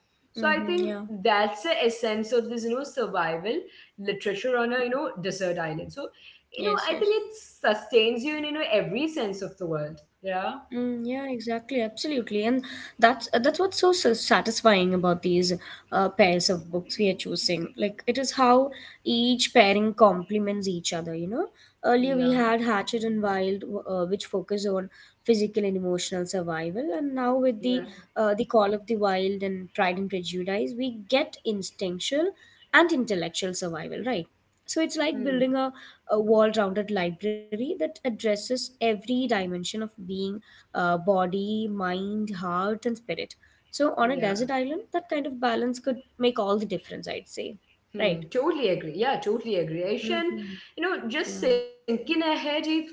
A: So I
B: Mm-hmm. Yeah.
A: think that's the essence of this you know survival literature on a you know desert island. So
B: Yes.
A: you know
B: Yes.
A: I think it sustains you in you know every sense of the world.
B: Mm,
A: Yeah.
B: yeah, exactly, absolutely, and that's that's what's so satisfying about these pairs of books we are choosing. Like it is how each pairing complements each other. You know, earlier we had
A: Yeah.
B: Hatchet and Wild, which focus on physical and emotional survival, and now with the
A: Yeah.
B: Call of the Wild and Pride and Prejudice, we get instinctual and intellectual survival, right? So it's like building
A: Hmm.
B: a well rounded library that addresses every dimension of being, body, mind, heart, and spirit. So, on a desert
A: Yeah.
B: island, that kind of balance could make all the difference, I'd say.
A: Hmm,
B: Right?
A: totally agree. Yeah, totally agree. Aish. And
B: Mm-hmm.
A: you know, just
B: Yeah.
A: thinking ahead, if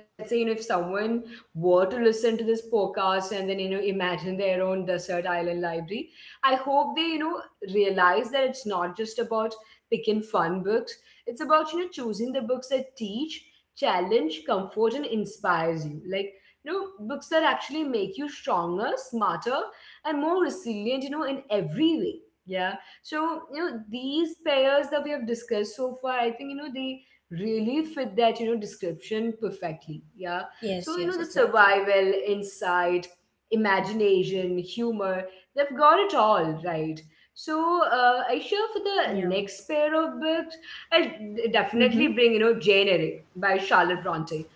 A: let's say you know if someone were to listen to this podcast and then you know imagine their own desert island library, I hope they you know realize that it's not just about picking fun books. It's about you know choosing the books that teach, challenge, comfort, and inspires you. Like you know, books that actually make you stronger, smarter, and more resilient. You know, in every way. Yeah, so, you know, these pairs that we have discussed so far, I think, you know, they really fit that, you know, description perfectly. Yeah.
B: Yes,
A: So, you
B: yes,
A: know, the
B: exactly.
A: survival, insight, imagination, humor, they've got it all, right? So, I sure for the
B: Yeah.
A: next pair of books, I'll definitely
B: Mm-hmm.
A: bring, you know, Jane Eyre by Charlotte Bronte.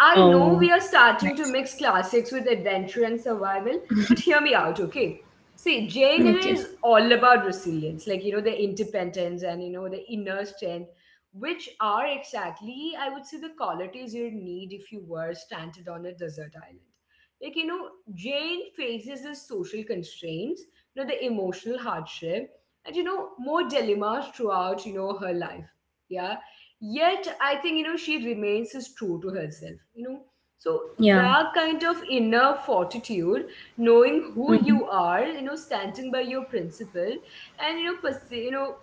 A: I know we are
B: Nice.
A: starting to mix classics with adventure and survival, but hear me out, okay? See, Jane
B: Okay.
A: Eyre is all about resilience, like, you know, the independence and, you know, the inner strength, which are exactly, I would say, the qualities you'd need if you were stranded on a desert island. Like, you know, Jane faces the social constraints, you know, the emotional hardship, and, you know, more dilemmas throughout, you know, her life. Yeah, yet I think you know she remains as true to herself you know. So
B: Yeah.
A: that kind of inner fortitude, knowing who
B: Mm-hmm.
A: you are you know standing by your principle, and you know you know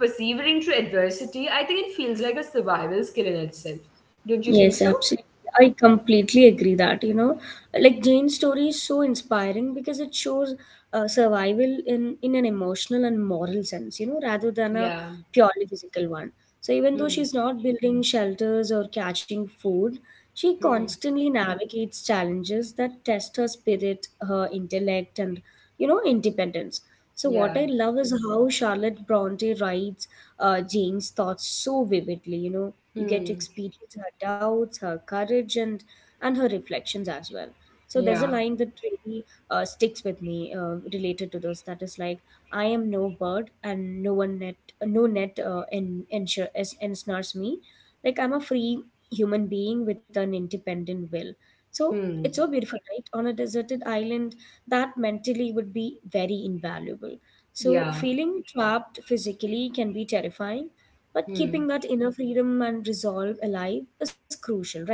A: persevering through adversity, I think it feels like a survival skill in itself. Don't you think
B: Yes,
A: so?
B: absolutely. I completely agree that, you know, like Jane's story is so inspiring because it shows survival in an emotional and moral sense, you know, rather than a
A: Yeah.
B: purely physical one. So even though
A: Hmm.
B: she's not building shelters or catching food, she
A: Hmm.
B: constantly navigates challenges that test her spirit, her intellect, and, you know, independence. So what
A: Yeah.
B: I love is how Charlotte Bronte writes Jane's thoughts so vividly, you know you get to
A: Hmm.
B: experience her doubts, her courage, and her reflections as well. So there's a
A: Yeah.
B: line that really sticks with me related to this. That is like, I am no bird, and no one net, no net en- ensure- es- ensnares me. Like I'm a free human being with an independent will. So
A: Hmm.
B: it's so beautiful, right? On a deserted island, that mentally would be very invaluable. So
A: Yeah.
B: feeling trapped physically can be terrifying, but keeping
A: Hmm.
B: that inner freedom and resolve alive is crucial, right?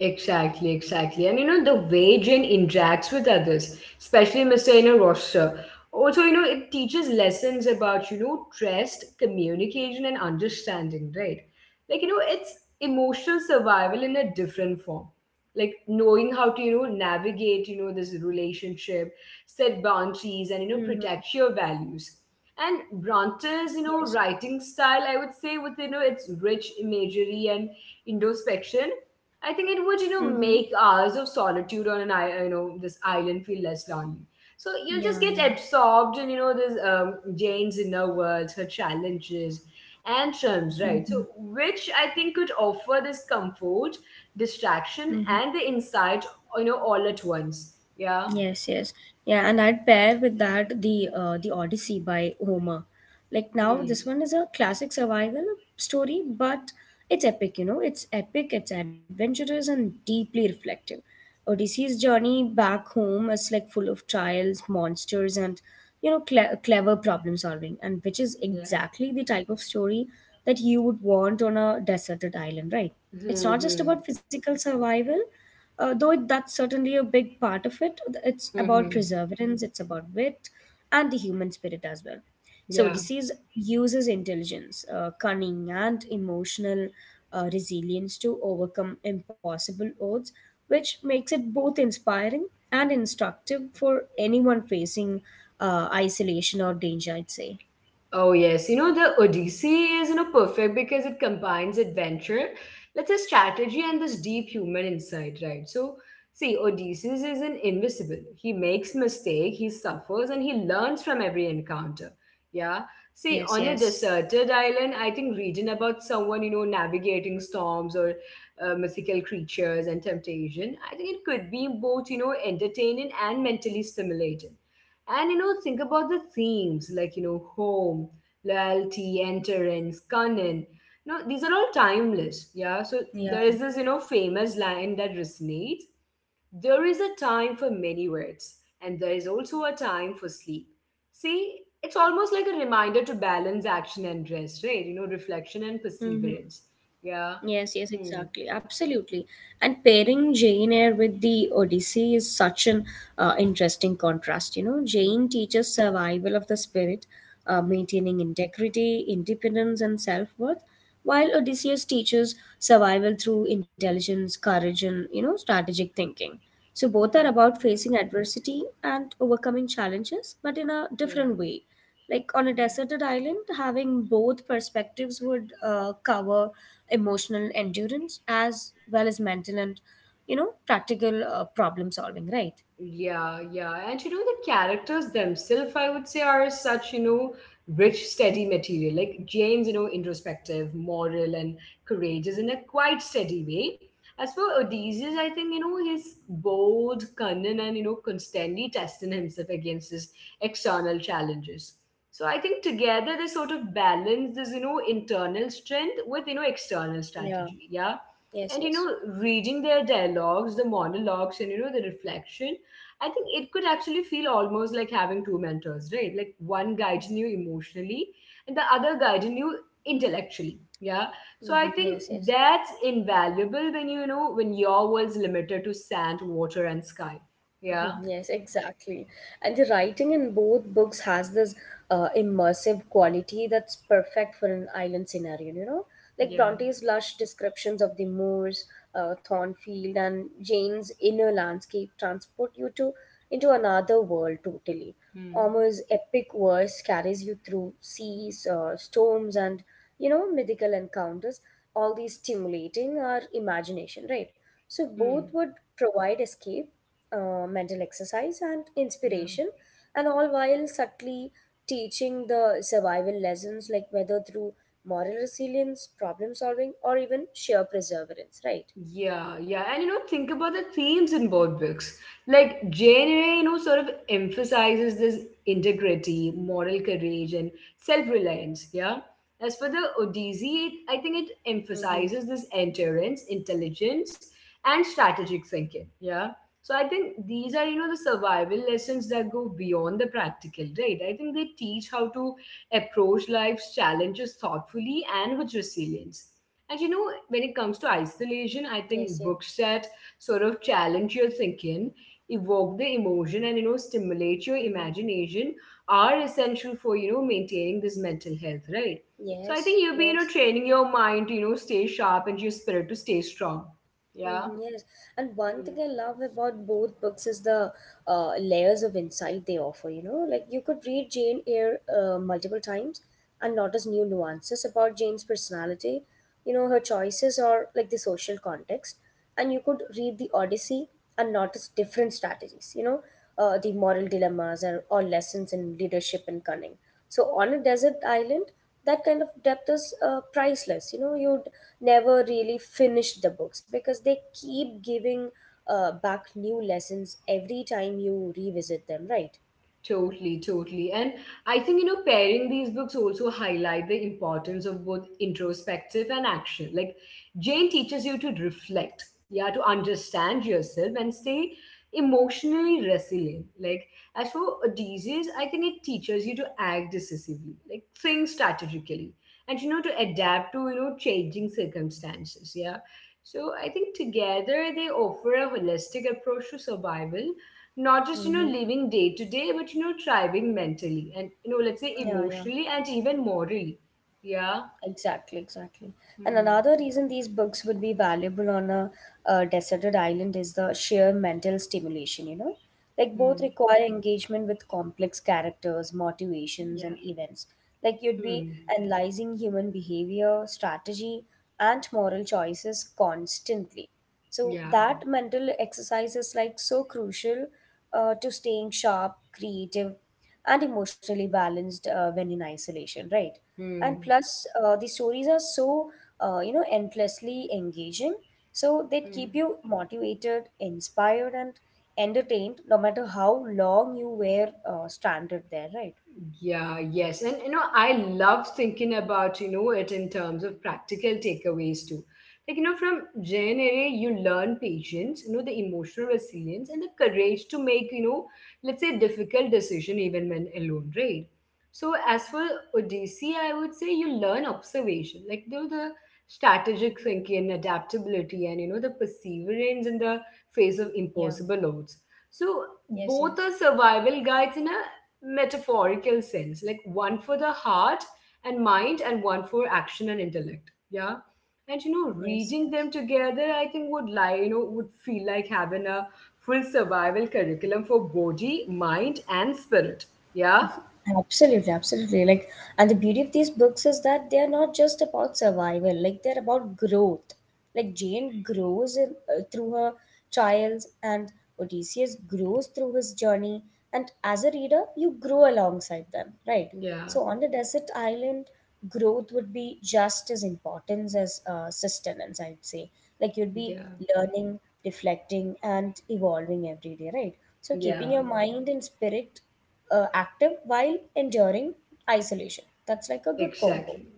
A: Exactly, exactly. And you know, the way Jane interacts with others, especially Mr. in a roster. Also, you know, it teaches lessons about, you know, trust, communication, and understanding, right? Like, you know, it's emotional survival in a different form. Like knowing how to, you know, navigate, you know, this relationship, set boundaries, and, you know,
B: Mm-hmm.
A: protect your values. And Bronte's, you know,
B: Yes, yes.
A: writing style, I would say, with, you know, its rich imagery and introspection, I think it would, you know,
B: Mm-hmm.
A: make hours of solitude on an you know this island feel less lonely. So you'll just
B: Yeah, yeah.
A: get absorbed in, you know, this Jane's inner world, her challenges and triumphs, right? So
B: hmm
A: which I think could offer this comfort, distraction,
B: Mm-hmm.
A: and the insight, you know, all at once. Yeah.
B: Yes, yes. Yeah, and I'd pair with that the Odyssey by Homer. Like now
A: Hmm.
B: this one is a classic survival story, but it's epic, you know. It's epic, it's adventurous and deeply reflective. Odyssey's journey back home is like full of trials, monsters, and you know clever problem solving, and which is
A: Yeah.
B: exactly the type of story that you would want on a deserted island, right? It's
A: Hmm.
B: not just
A: Hmm.
B: about physical survival, though that's certainly a big part of it, it's
A: Hmm.
B: about
A: Hmm.
B: perseverance, it's about wit, and the human spirit as well. So,
A: Yeah.
B: Odysseus uses intelligence, cunning, and emotional resilience to overcome impossible odds, which makes it both inspiring and instructive for anyone facing isolation or danger, I'd say.
A: Oh, yes. You know, the Odyssey is, you know, perfect because it combines adventure, let's say strategy, and this deep human insight, right? So, see, Odysseus isn't invisible. He makes mistake, he suffers, and he learns from every encounter. Yeah. See,
B: Yes,
A: on a
B: yes.
A: deserted island, I think reading about someone, you know, navigating storms or mythical creatures and temptation, I think it could be both, you know, entertaining and mentally stimulating. And you know, think about the themes like, you know, home, loyalty, endurance, cunning. No, these are all timeless. Yeah. So there is
B: Yeah.
A: this, you know, famous line that resonates. There is a time for many words, and there is also a time for sleep. See, it's almost like a reminder to balance action and rest, right? You know, reflection and
B: Mhm.
A: perseverance. Yeah.
B: Yes, yes,
A: Hmm.
B: exactly. Absolutely. And pairing Jane Eyre with the Odyssey is such an interesting contrast. You know,
A: Hmm.
B: Jane teaches survival of the spirit,
A: Hmm.
B: maintaining integrity, independence, and self worth, while Odysseus teaches survival through intelligence, courage, and, you know, strategic thinking. So both are
A: Hmm.
B: about facing adversity and overcoming challenges, but in a
A: Yeah.
B: different way. Like on a
A: Hmm.
B: deserted island, having both perspectives would cover emotional endurance as well as mental and you know practical problem solving, right?
A: Yeah, yeah. And you know, the characters themselves, I would say, are such, you know, rich, steady material. Like Jane's, you know, introspective, moral, and courageous in a quite steady way. As for Odysseus, I think, you know, he's bold, cunning, and, you know, constantly testing himself against his external challenges. So I think together they sort of balance this, you know, internal strength with, you know, external
B: Yeah.
A: strategy. Yeah. And,
B: Yes.
A: you know,
B: Yes.
A: reading their dialogues, the monologues, and, you know, the reflection, I think it could actually feel almost like having two mentors, right? Like one guiding you emotionally and the other guiding you intellectually. Yeah. So I think
B: Yes. Yes.
A: that's invaluable when you know when your world's limited to sand, water, and sky.
B: Mhm.
A: Yeah.
B: Yes, exactly. And the writing in both books has this immersive quality that's perfect for an island scenario, you know? Like
A: Yeah.
B: Bronte's lush descriptions of the moors, Thornfield, and Jane's inner landscape transport you to into another world totally.
A: Hmm.
B: Ormer's epic verse carries you through seas, storms, and you know mythical encounters. All these stimulating our imagination, right? So both
A: Hmm.
B: would provide escape, mental exercise, and
A: Yeah.
B: inspiration, and all while subtly teaching the survival lessons, like whether through moral resilience, problem solving, or even sheer perseverance, right?
A: Yeah, yeah. And you know, think about the themes in both books. Like Jane Eyre, you know, sort of emphasizes this integrity, moral courage, and self-reliance. Yeah. As for the Odyssey, it, I think it
B: Mm-hmm.
A: emphasizes this endurance, intelligence, and strategic thinking. Yeah. So I think these are, you know, the survival lessons that go beyond the practical, right? I think they teach how to approach life's challenges thoughtfully and with resilience. And you know, when it comes to isolation, I
B: Yes,
A: think
B: yes.
A: books that sort of challenge your thinking, evoke the emotion, and you know, stimulate your
B: Mm-hmm.
A: imagination are essential for you know maintaining this mental health, right? So I
B: Yes,
A: think you'll be
B: yes.
A: training your mind to stay sharp and your spirit to stay strong. Yeah.
B: Mm-hmm, yes, and one
A: Hmm.
B: thing I love about both books is the layers of insight they offer. You know, like you could read Jane Eyre multiple times and notice new nuances about Jane's personality, you know, her choices or like the social context. And you could read the Odyssey and notice different strategies, you know, the moral dilemmas or lessons in leadership and cunning. So on a desert island, that kind of depth is priceless. You know, you never really finished the books because they keep giving back new lessons every time you revisit them, right?
A: Totally, totally. And I think, pairing these books also highlight the importance of both introspective and action. Like Jane teaches you to reflect, yeah, to understand yourself and stay emotionally resilient. Like as for Odysseus, I think it teaches you to act decisively, like think strategically and, to adapt to, changing circumstances. Yeah. So I think together they offer a holistic approach to survival, not just
B: Mm-hmm.
A: living day to day, but thriving mentally and, let's say,
B: Yeah, yeah.
A: emotionally and even morally. Yeah.
B: Exactly, exactly. And
A: Hmm.
B: another reason these books would be valuable on a, deserted island is the sheer mental stimulation, you know? Like, both
A: Hmm.
B: require engagement with complex characters, motivations,
A: Yeah.
B: and events. Like, you'd be
A: Hmm.
B: analyzing human behavior, strategy, and moral choices constantly. So,
A: Yeah.
B: that mental exercise is like so crucial to staying sharp, creative, and emotionally balanced when in isolation, right? And
A: Hmm.
B: plus the stories are so you know endlessly engaging, so they keep
A: Hmm.
B: you motivated, inspired, and entertained no matter how long you were stranded there, right?
A: Yeah, yes. And I love thinking about, it in terms of practical takeaways too. Like, from JNRA, you learn patience, the emotional resilience and the courage to make, let's say, difficult decision even when alone, right? So as for Odyssey, I would say you learn observation, like the strategic thinking, adaptability, and, the perseverance in the face of
B: Yeah.
A: impossible odds. So
B: Yes,
A: both are
B: yes.
A: survival guides in a metaphorical sense, like one for the heart and mind and one for action and intellect. Yeah. And
B: Yes,
A: reading them
B: yes.
A: together, I think would lie would feel like having a full survival curriculum for body, mind, and spirit. Yeah.
B: Absolutely, absolutely. Like, and the beauty of these books is that they are not just about survival, like, they're about growth. Like, Jane grows in, through her trials, and Odysseus grows through his journey. And as a reader, you grow alongside them, right?
A: Yeah.
B: So, on a desert island, growth would be just as important as sustenance, I'd say. Like, you'd be
A: Yeah.
B: learning, reflecting, and evolving every day, right? So, keeping
A: Yeah.
B: your mind and spirit active while enduring isolation. That's like a good combo.
A: Exactly.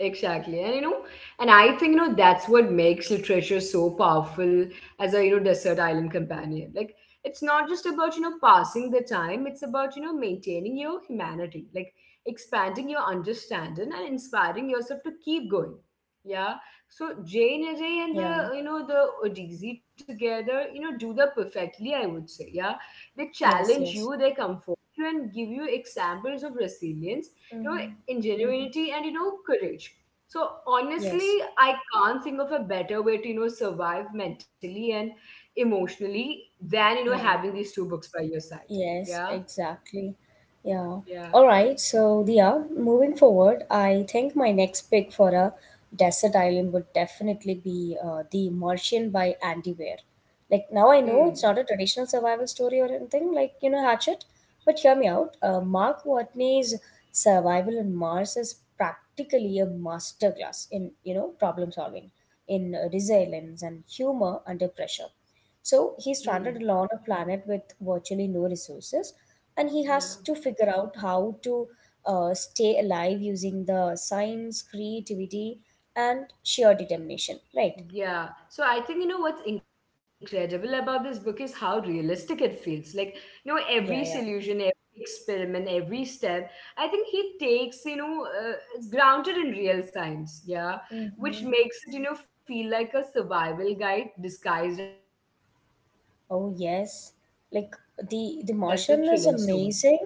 A: Exactly. And I think, that's what makes literature so powerful as a, desert island companion. Like, it's not just about, passing the time, it's about, maintaining your humanity, like expanding your understanding and inspiring yourself to keep going. Yeah. So Jane Eyre and
B: Yeah.
A: the, the Odyssey together, do that perfectly, I would say. Yeah. They
B: Yes.
A: challenge
B: Yes.
A: you, they comfort you, and give you examples of resilience, You know
B: Mm-hmm. Mm-hmm.
A: ingenuity, and courage. So
B: Yes.
A: honestly, I can't think of a better way to survive mentally and emotionally than
B: Yeah.
A: having these two books by your side.
B: Yes,
A: Yeah.
B: exactly. Yeah.
A: Yeah.
B: All right. So, Dia, moving forward, I think my next pick for a desert island would definitely be The Martian by Andy Weir. Like, now I know
A: Hmm.
B: it's not a traditional survival story or anything, like, you know, Hatchet, but hear me out. Mark Watney's Survival on Mars is practically a masterclass in, you know, problem solving, in resilience and humor under pressure. So
A: Hmm.
B: he stranded alone on a planet with virtually no resources, and he
A: Yeah.
B: has to figure out how to stay alive using the science, creativity, and sheer determination. Right?
A: Yeah. So I think, what's incredible about this book is how realistic it feels. Like, every
B: Yeah, yeah.
A: solution, every experiment, every step, I think he takes, it's grounded in real science. Yeah. Which
B: Mm-hmm.
A: makes it, feel like a survival guide disguised as a thrilling story.
B: Oh
A: Yeah.
B: yes, like
A: Hmm.
B: the Martian is amazing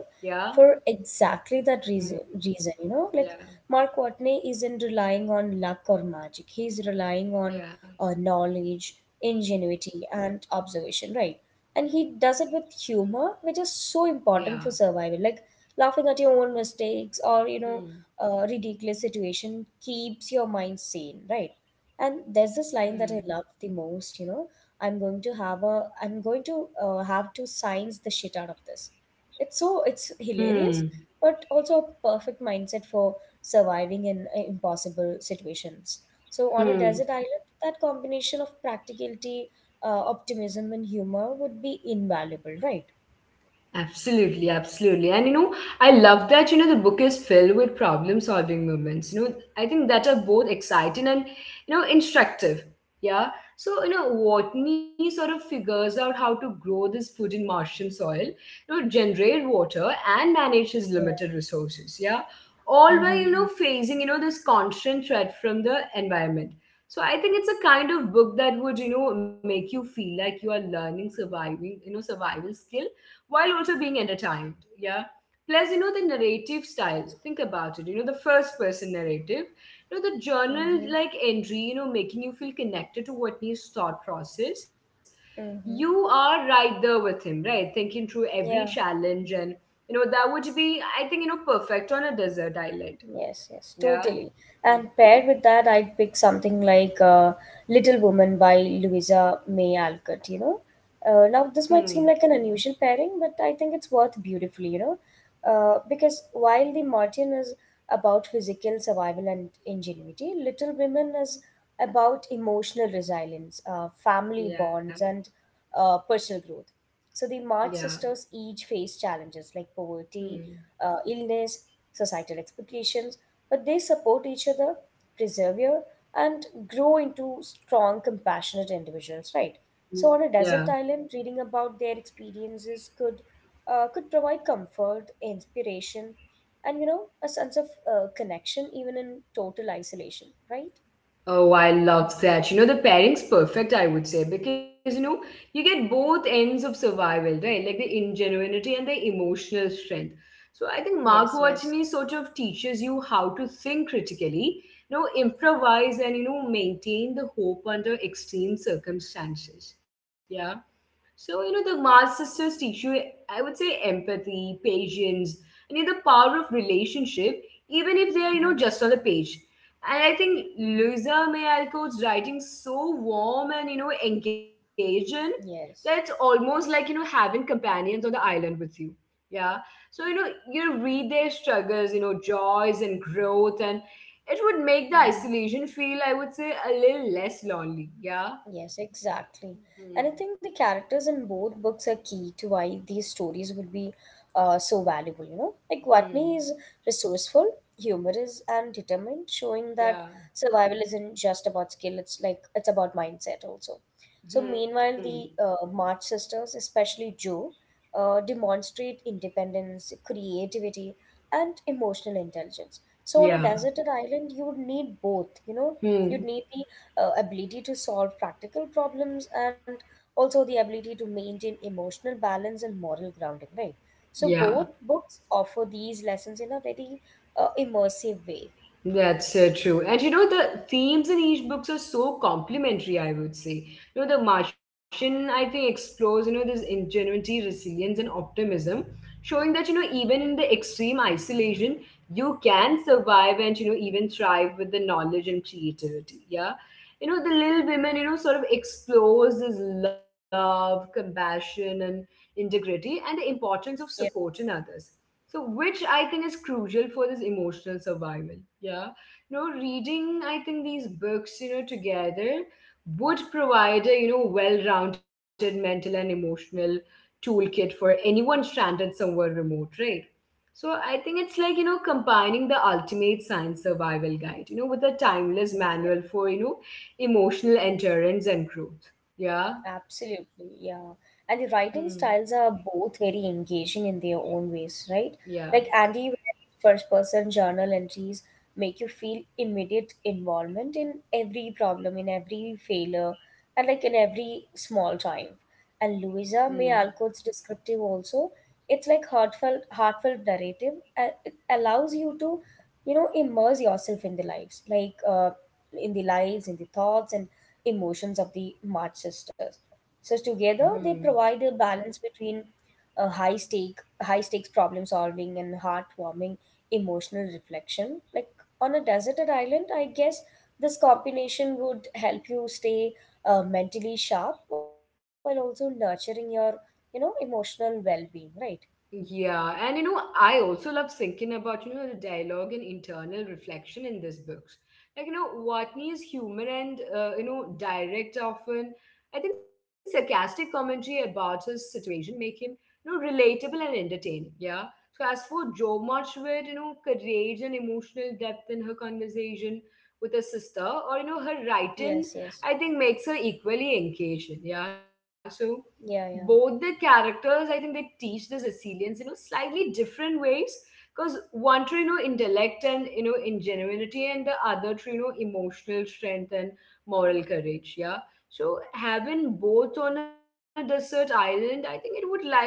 B: for exactly that reason, you know, like
A: Yeah.
B: Mark Watney isn't relying on luck or magic. He's relying on
A: Yeah.
B: knowledge, ingenuity, and observation, right? And he does
A: Yeah.
B: it with humor, which is so important for survival. Like laughing at your own
A: Hmm.
B: mistakes or you know, ridiculous situation keeps your mind sane, right? And there's
A: Hmm.
B: this line that I love the most, you know. I'm going to have to science the shit out of this. It's
A: Hmm.
B: hilarious, but also a perfect mindset for surviving in impossible situations. So on a
A: Hmm.
B: desert island, that combination of practicality, optimism, and humor would be invaluable, right?
A: Absolutely, absolutely. And I love that, the book is filled with problem solving moments. I think that are both exciting and, instructive. Yeah. So, Watney sort of figures out how to grow this food in Martian soil, generate water and manage his
B: Yeah.
A: limited resources. Yeah. All while,
B: Mm-hmm.
A: facing, this constant threat from the environment. So I think it's a kind of book that would, make you feel like you are learning surviving, survival skill while also being entertained. Yeah. Plus, the narrative style, think about it, the first person narrative, the journal
B: Mm-hmm.
A: like entry, making you feel connected to Whitney's thought process.
B: Mm-hmm.
A: You are right there with him, right? Thinking through
B: Yeah.
A: every challenge and, that would be, I think, perfect on a desert island.
B: Yes, yes,
A: Yeah.
B: totally. And
A: Hmm.
B: paired with that, I'd pick something like Little Woman by Louisa May Alcott, you know. Now, this might seem
A: Hmm.
B: like an unusual pairing, but I think it's worth beautifully, you know. Because while The Martian is about physical survival and ingenuity, Little Women is about emotional resilience, family
A: Yeah.
B: bonds, and personal growth. So the March
A: Yeah.
B: sisters each face challenges like poverty,
A: Hmm.
B: illness, societal expectations, but they support each other, persevere, and grow into strong, compassionate individuals, right? So, on a
A: Yeah.
B: desert island, reading about their experiences could provide comfort, inspiration, and you know a sense of connection even in total isolation, right?
A: Oh, I love that. The pairing's perfect, I would say, because you get both ends of survival, right? Like the ingenuity and the emotional strength. So I think
B: Yes,
A: Mark
B: yes,
A: Watney sort of teaches you how to think critically, improvise, and maintain the hope under extreme circumstances. Yeah. So, the Mars sisters teach you, I would say, empathy, patience, and, the power of relationship, even if they're,
B: mm-hmm.
A: just on the page. And I think
B: Mm-hmm.
A: Louisa May Alcott's writing so warm and, engaging that it's
B: Yes.
A: almost like, having companions on the island with you. Yeah. So, you read their struggles, joys, and growth, and it would make the
B: Mm-hmm.
A: isolation feel, I would say, a little less lonely. Yeah.
B: Yes, exactly. And
A: Hmm.
B: I think the characters in both books are key to why these stories would be so valuable, you know? Like Watney
A: Hmm.
B: is resourceful, humorous, and determined, showing that
A: Yeah.
B: survival isn't just about skill, it's about mindset also. So
A: Hmm.
B: meanwhile, the March sisters, especially Joe, demonstrate independence, creativity, and emotional intelligence. So on a
A: Yeah.
B: deserted island, you would need both, you know?
A: Hmm.
B: You'd need the ability to solve practical problems and also the ability to maintain emotional balance and moral grounding, right? So
A: Yeah.
B: both books offer these lessons in a very immersive way.
A: That's true. And the themes in each books are so complementary, I would say. The Martian, I think, explores, this ingenuity, resilience, and optimism, showing that, even in the extreme isolation, you can survive and, even thrive with the knowledge and creativity. Yeah. The Little Women, sort of explores this love, compassion, and integrity and the importance of
B: Yeah.
A: supporting others. So, which I think is crucial for this emotional survival. Yeah. Reading, I think these books, together would provide a, well rounded mental and emotional toolkit for anyone stranded somewhere remote, right? So, I think it's like, combining the ultimate science survival guide, with a timeless manual
B: Yes.
A: for, emotional endurance and growth. Yeah.
B: Absolutely, yeah. And the
A: Hmm.
B: writing styles are both very engaging in their own ways, right?
A: Yeah.
B: Like Andy Weir's first person journal entries make you feel immediate involvement in every problem, in every failure, and like in every small triumph. And
A: Hmm.
B: Louisa May Alcott's descriptive also, it's like heartfelt narrative. It allows you to, you know, immerse yourself in the lives, in the thoughts, and emotions of the March sisters. So
A: Hmm.
B: together they provide a balance between a high stakes problem solving and heartwarming emotional reflection. Like on a deserted island, I guess this combination would help you stay mentally sharp while also nurturing your you know emotional well-being, right?
A: Yeah, and I also love thinking about, the dialogue and internal reflection in these books. Like, Watney is human and, direct often. I think sarcastic commentary about his situation make him, relatable and entertaining. Yeah. So as for Jo Marchwood, courage and emotional depth in her conversation with her sister or, her writing,
B: Yes, yes.
A: I think makes her equally engaging. Yeah. So,
B: Yeah,
A: both the
B: yeah.
A: characters, I think they teach this resilience, slightly different ways, because one through intellect and ingenuity, and the other through emotional strength and moral courage. Yeah. So having both on a desert island, I think it would like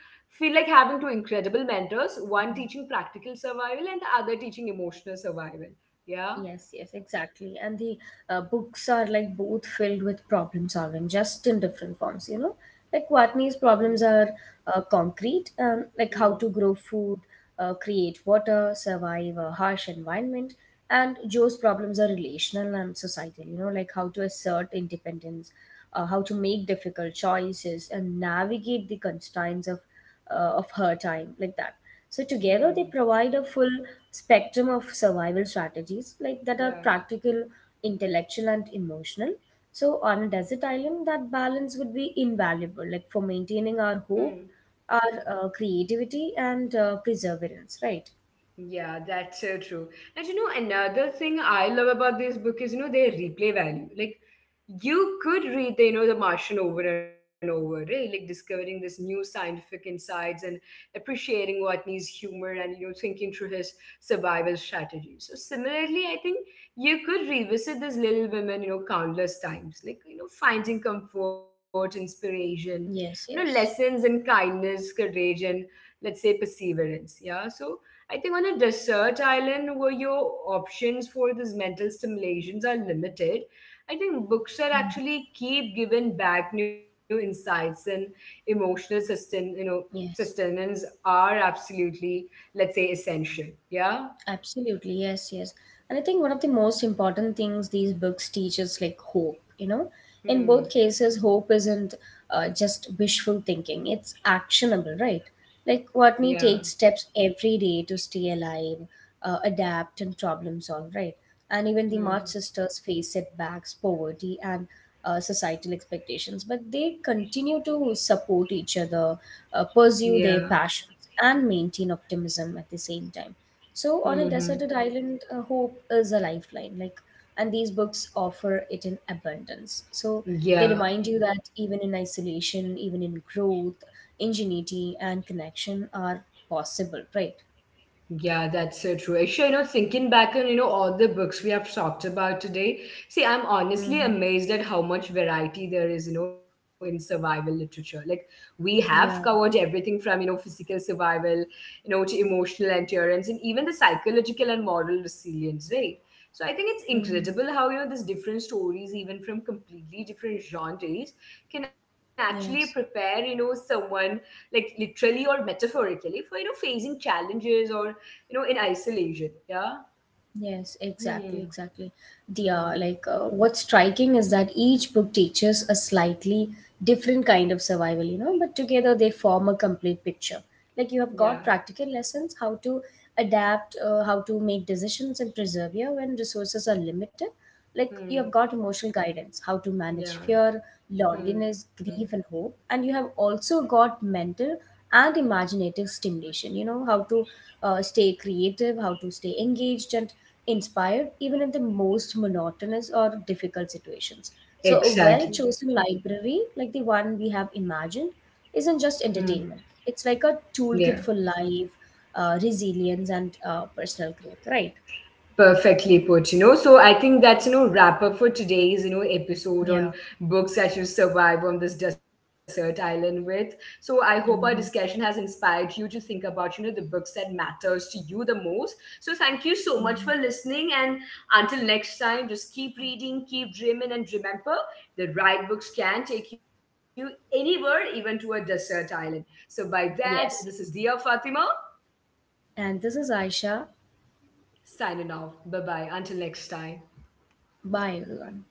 A: feel like having two incredible mentors, one teaching practical survival and the other teaching emotional survival. Yeah.
B: Yes, yes, exactly. And the books are like both filled with problem solving, just in different forms, you know. Like
A: Hmm.
B: Watney's problems are concrete, like how to
A: Hmm.
B: grow food, create water, survive a harsh environment. And Joe's problems are relational and societal, you know, like how to assert independence, how to make difficult choices, and navigate the constraints of her time, like that. So together they
A: Hmm.
B: provide a full spectrum of survival strategies like that are
A: Yeah.
B: practical, intellectual, and emotional. So on a desert island that balance would be invaluable, like for maintaining our
A: Hmm.
B: hope, our creativity, and perseverance, right?
A: Yeah, that's so true. And another thing I love about this book is, their replay value. Like, you could read, The Martian over and over, right? Like, discovering this new scientific insights and appreciating Watney's humor and, thinking through his survival strategies. So, similarly, I think you could revisit this Little Women, countless times. Like, finding comfort, inspiration,
B: Yes,
A: lessons
B: yes.
A: in kindness, courage, and let's say perseverance. Yeah. So, I think on a desert island where your options for these mental stimulations are limited, I think books are
B: Mhm.
A: actually keep giving back new insights and emotional
B: Yes.
A: sustenance are absolutely, let's say, essential. Yeah.
B: Absolutely, yes, yes. And I think one of the most important things these books teach is like hope, you know. In
A: Hmm.
B: both cases, hope isn't just wishful thinking, it's actionable, right? Like
A: Yeah.
B: Watney takes steps every day to stay alive, adapt, and problem solve, right? And even the
A: Hmm.
B: March sisters face setbacks, poverty, and societal expectations, but they continue to support each other,
A: Yeah.
B: pursue their passions, and maintain optimism at the same time.
A: Hmm.
B: So on a
A: Hmm.
B: deserted island, hope is a lifeline. Like, and these books offer it in abundance. So they
A: Yeah.
B: remind you that even in isolation, even in growth, ingenuity and connection are possible. Right?
A: Yeah, that's so true. Aisha, thinking back on, all the books we have talked about today, see, I'm honestly
B: hmm
A: amazed at how much variety there is, in survival literature. Like, we have covered
B: Yeah.
A: everything from, physical survival, to emotional endurance and even the psychological and moral resilience, right? So I think it's
B: hmm
A: incredible how, these different stories, even from completely different genres, can actually prepare,
B: Yes.
A: someone like literally or metaphorically for facing challenges or in isolation. Yeah.
B: Yes, exactly,
A: Hmm.
B: exactly. The
A: Hmm.
B: what's striking is that each book teaches a slightly different kind of survival, you know, but together they form a complete picture. Like you have
A: Yeah.
B: got practical lessons, how to adapt, how to make decisions and persevere when resources are limited. Like you
A: Hmm.
B: have got emotional guidance, how to manage
A: Yeah.
B: fear,
A: Hmm.
B: loneliness, grief, and hope. And you have also got mental and imaginative stimulation, you know, how to stay creative, how to stay engaged and inspired even in the most monotonous or difficult situations. So, a well
A: Exactly.
B: chosen library, like the one we have imagined, isn't
A: Hmm.
B: just entertainment, it's like a
A: Yeah.
B: toolkit for life, resilience, and personal growth, right?
A: Perfectly put, So I think that's, wrap up for today's, episode on
B: Yeah.
A: books that you survive on this desert island with. So I hope our discussion has
B: Mm-hmm.
A: inspired you to think about, the books that matters to you the most. So thank you so much for
B: Mm-hmm.
A: listening. And until next time, just keep reading, keep dreaming, and remember the right books can take you anywhere, even to a desert island. So by that, this is
B: Yes.
A: Dia Fatima
B: And this is Aisha.
A: signing off. Bye-bye. Until next time.
B: Bye, everyone.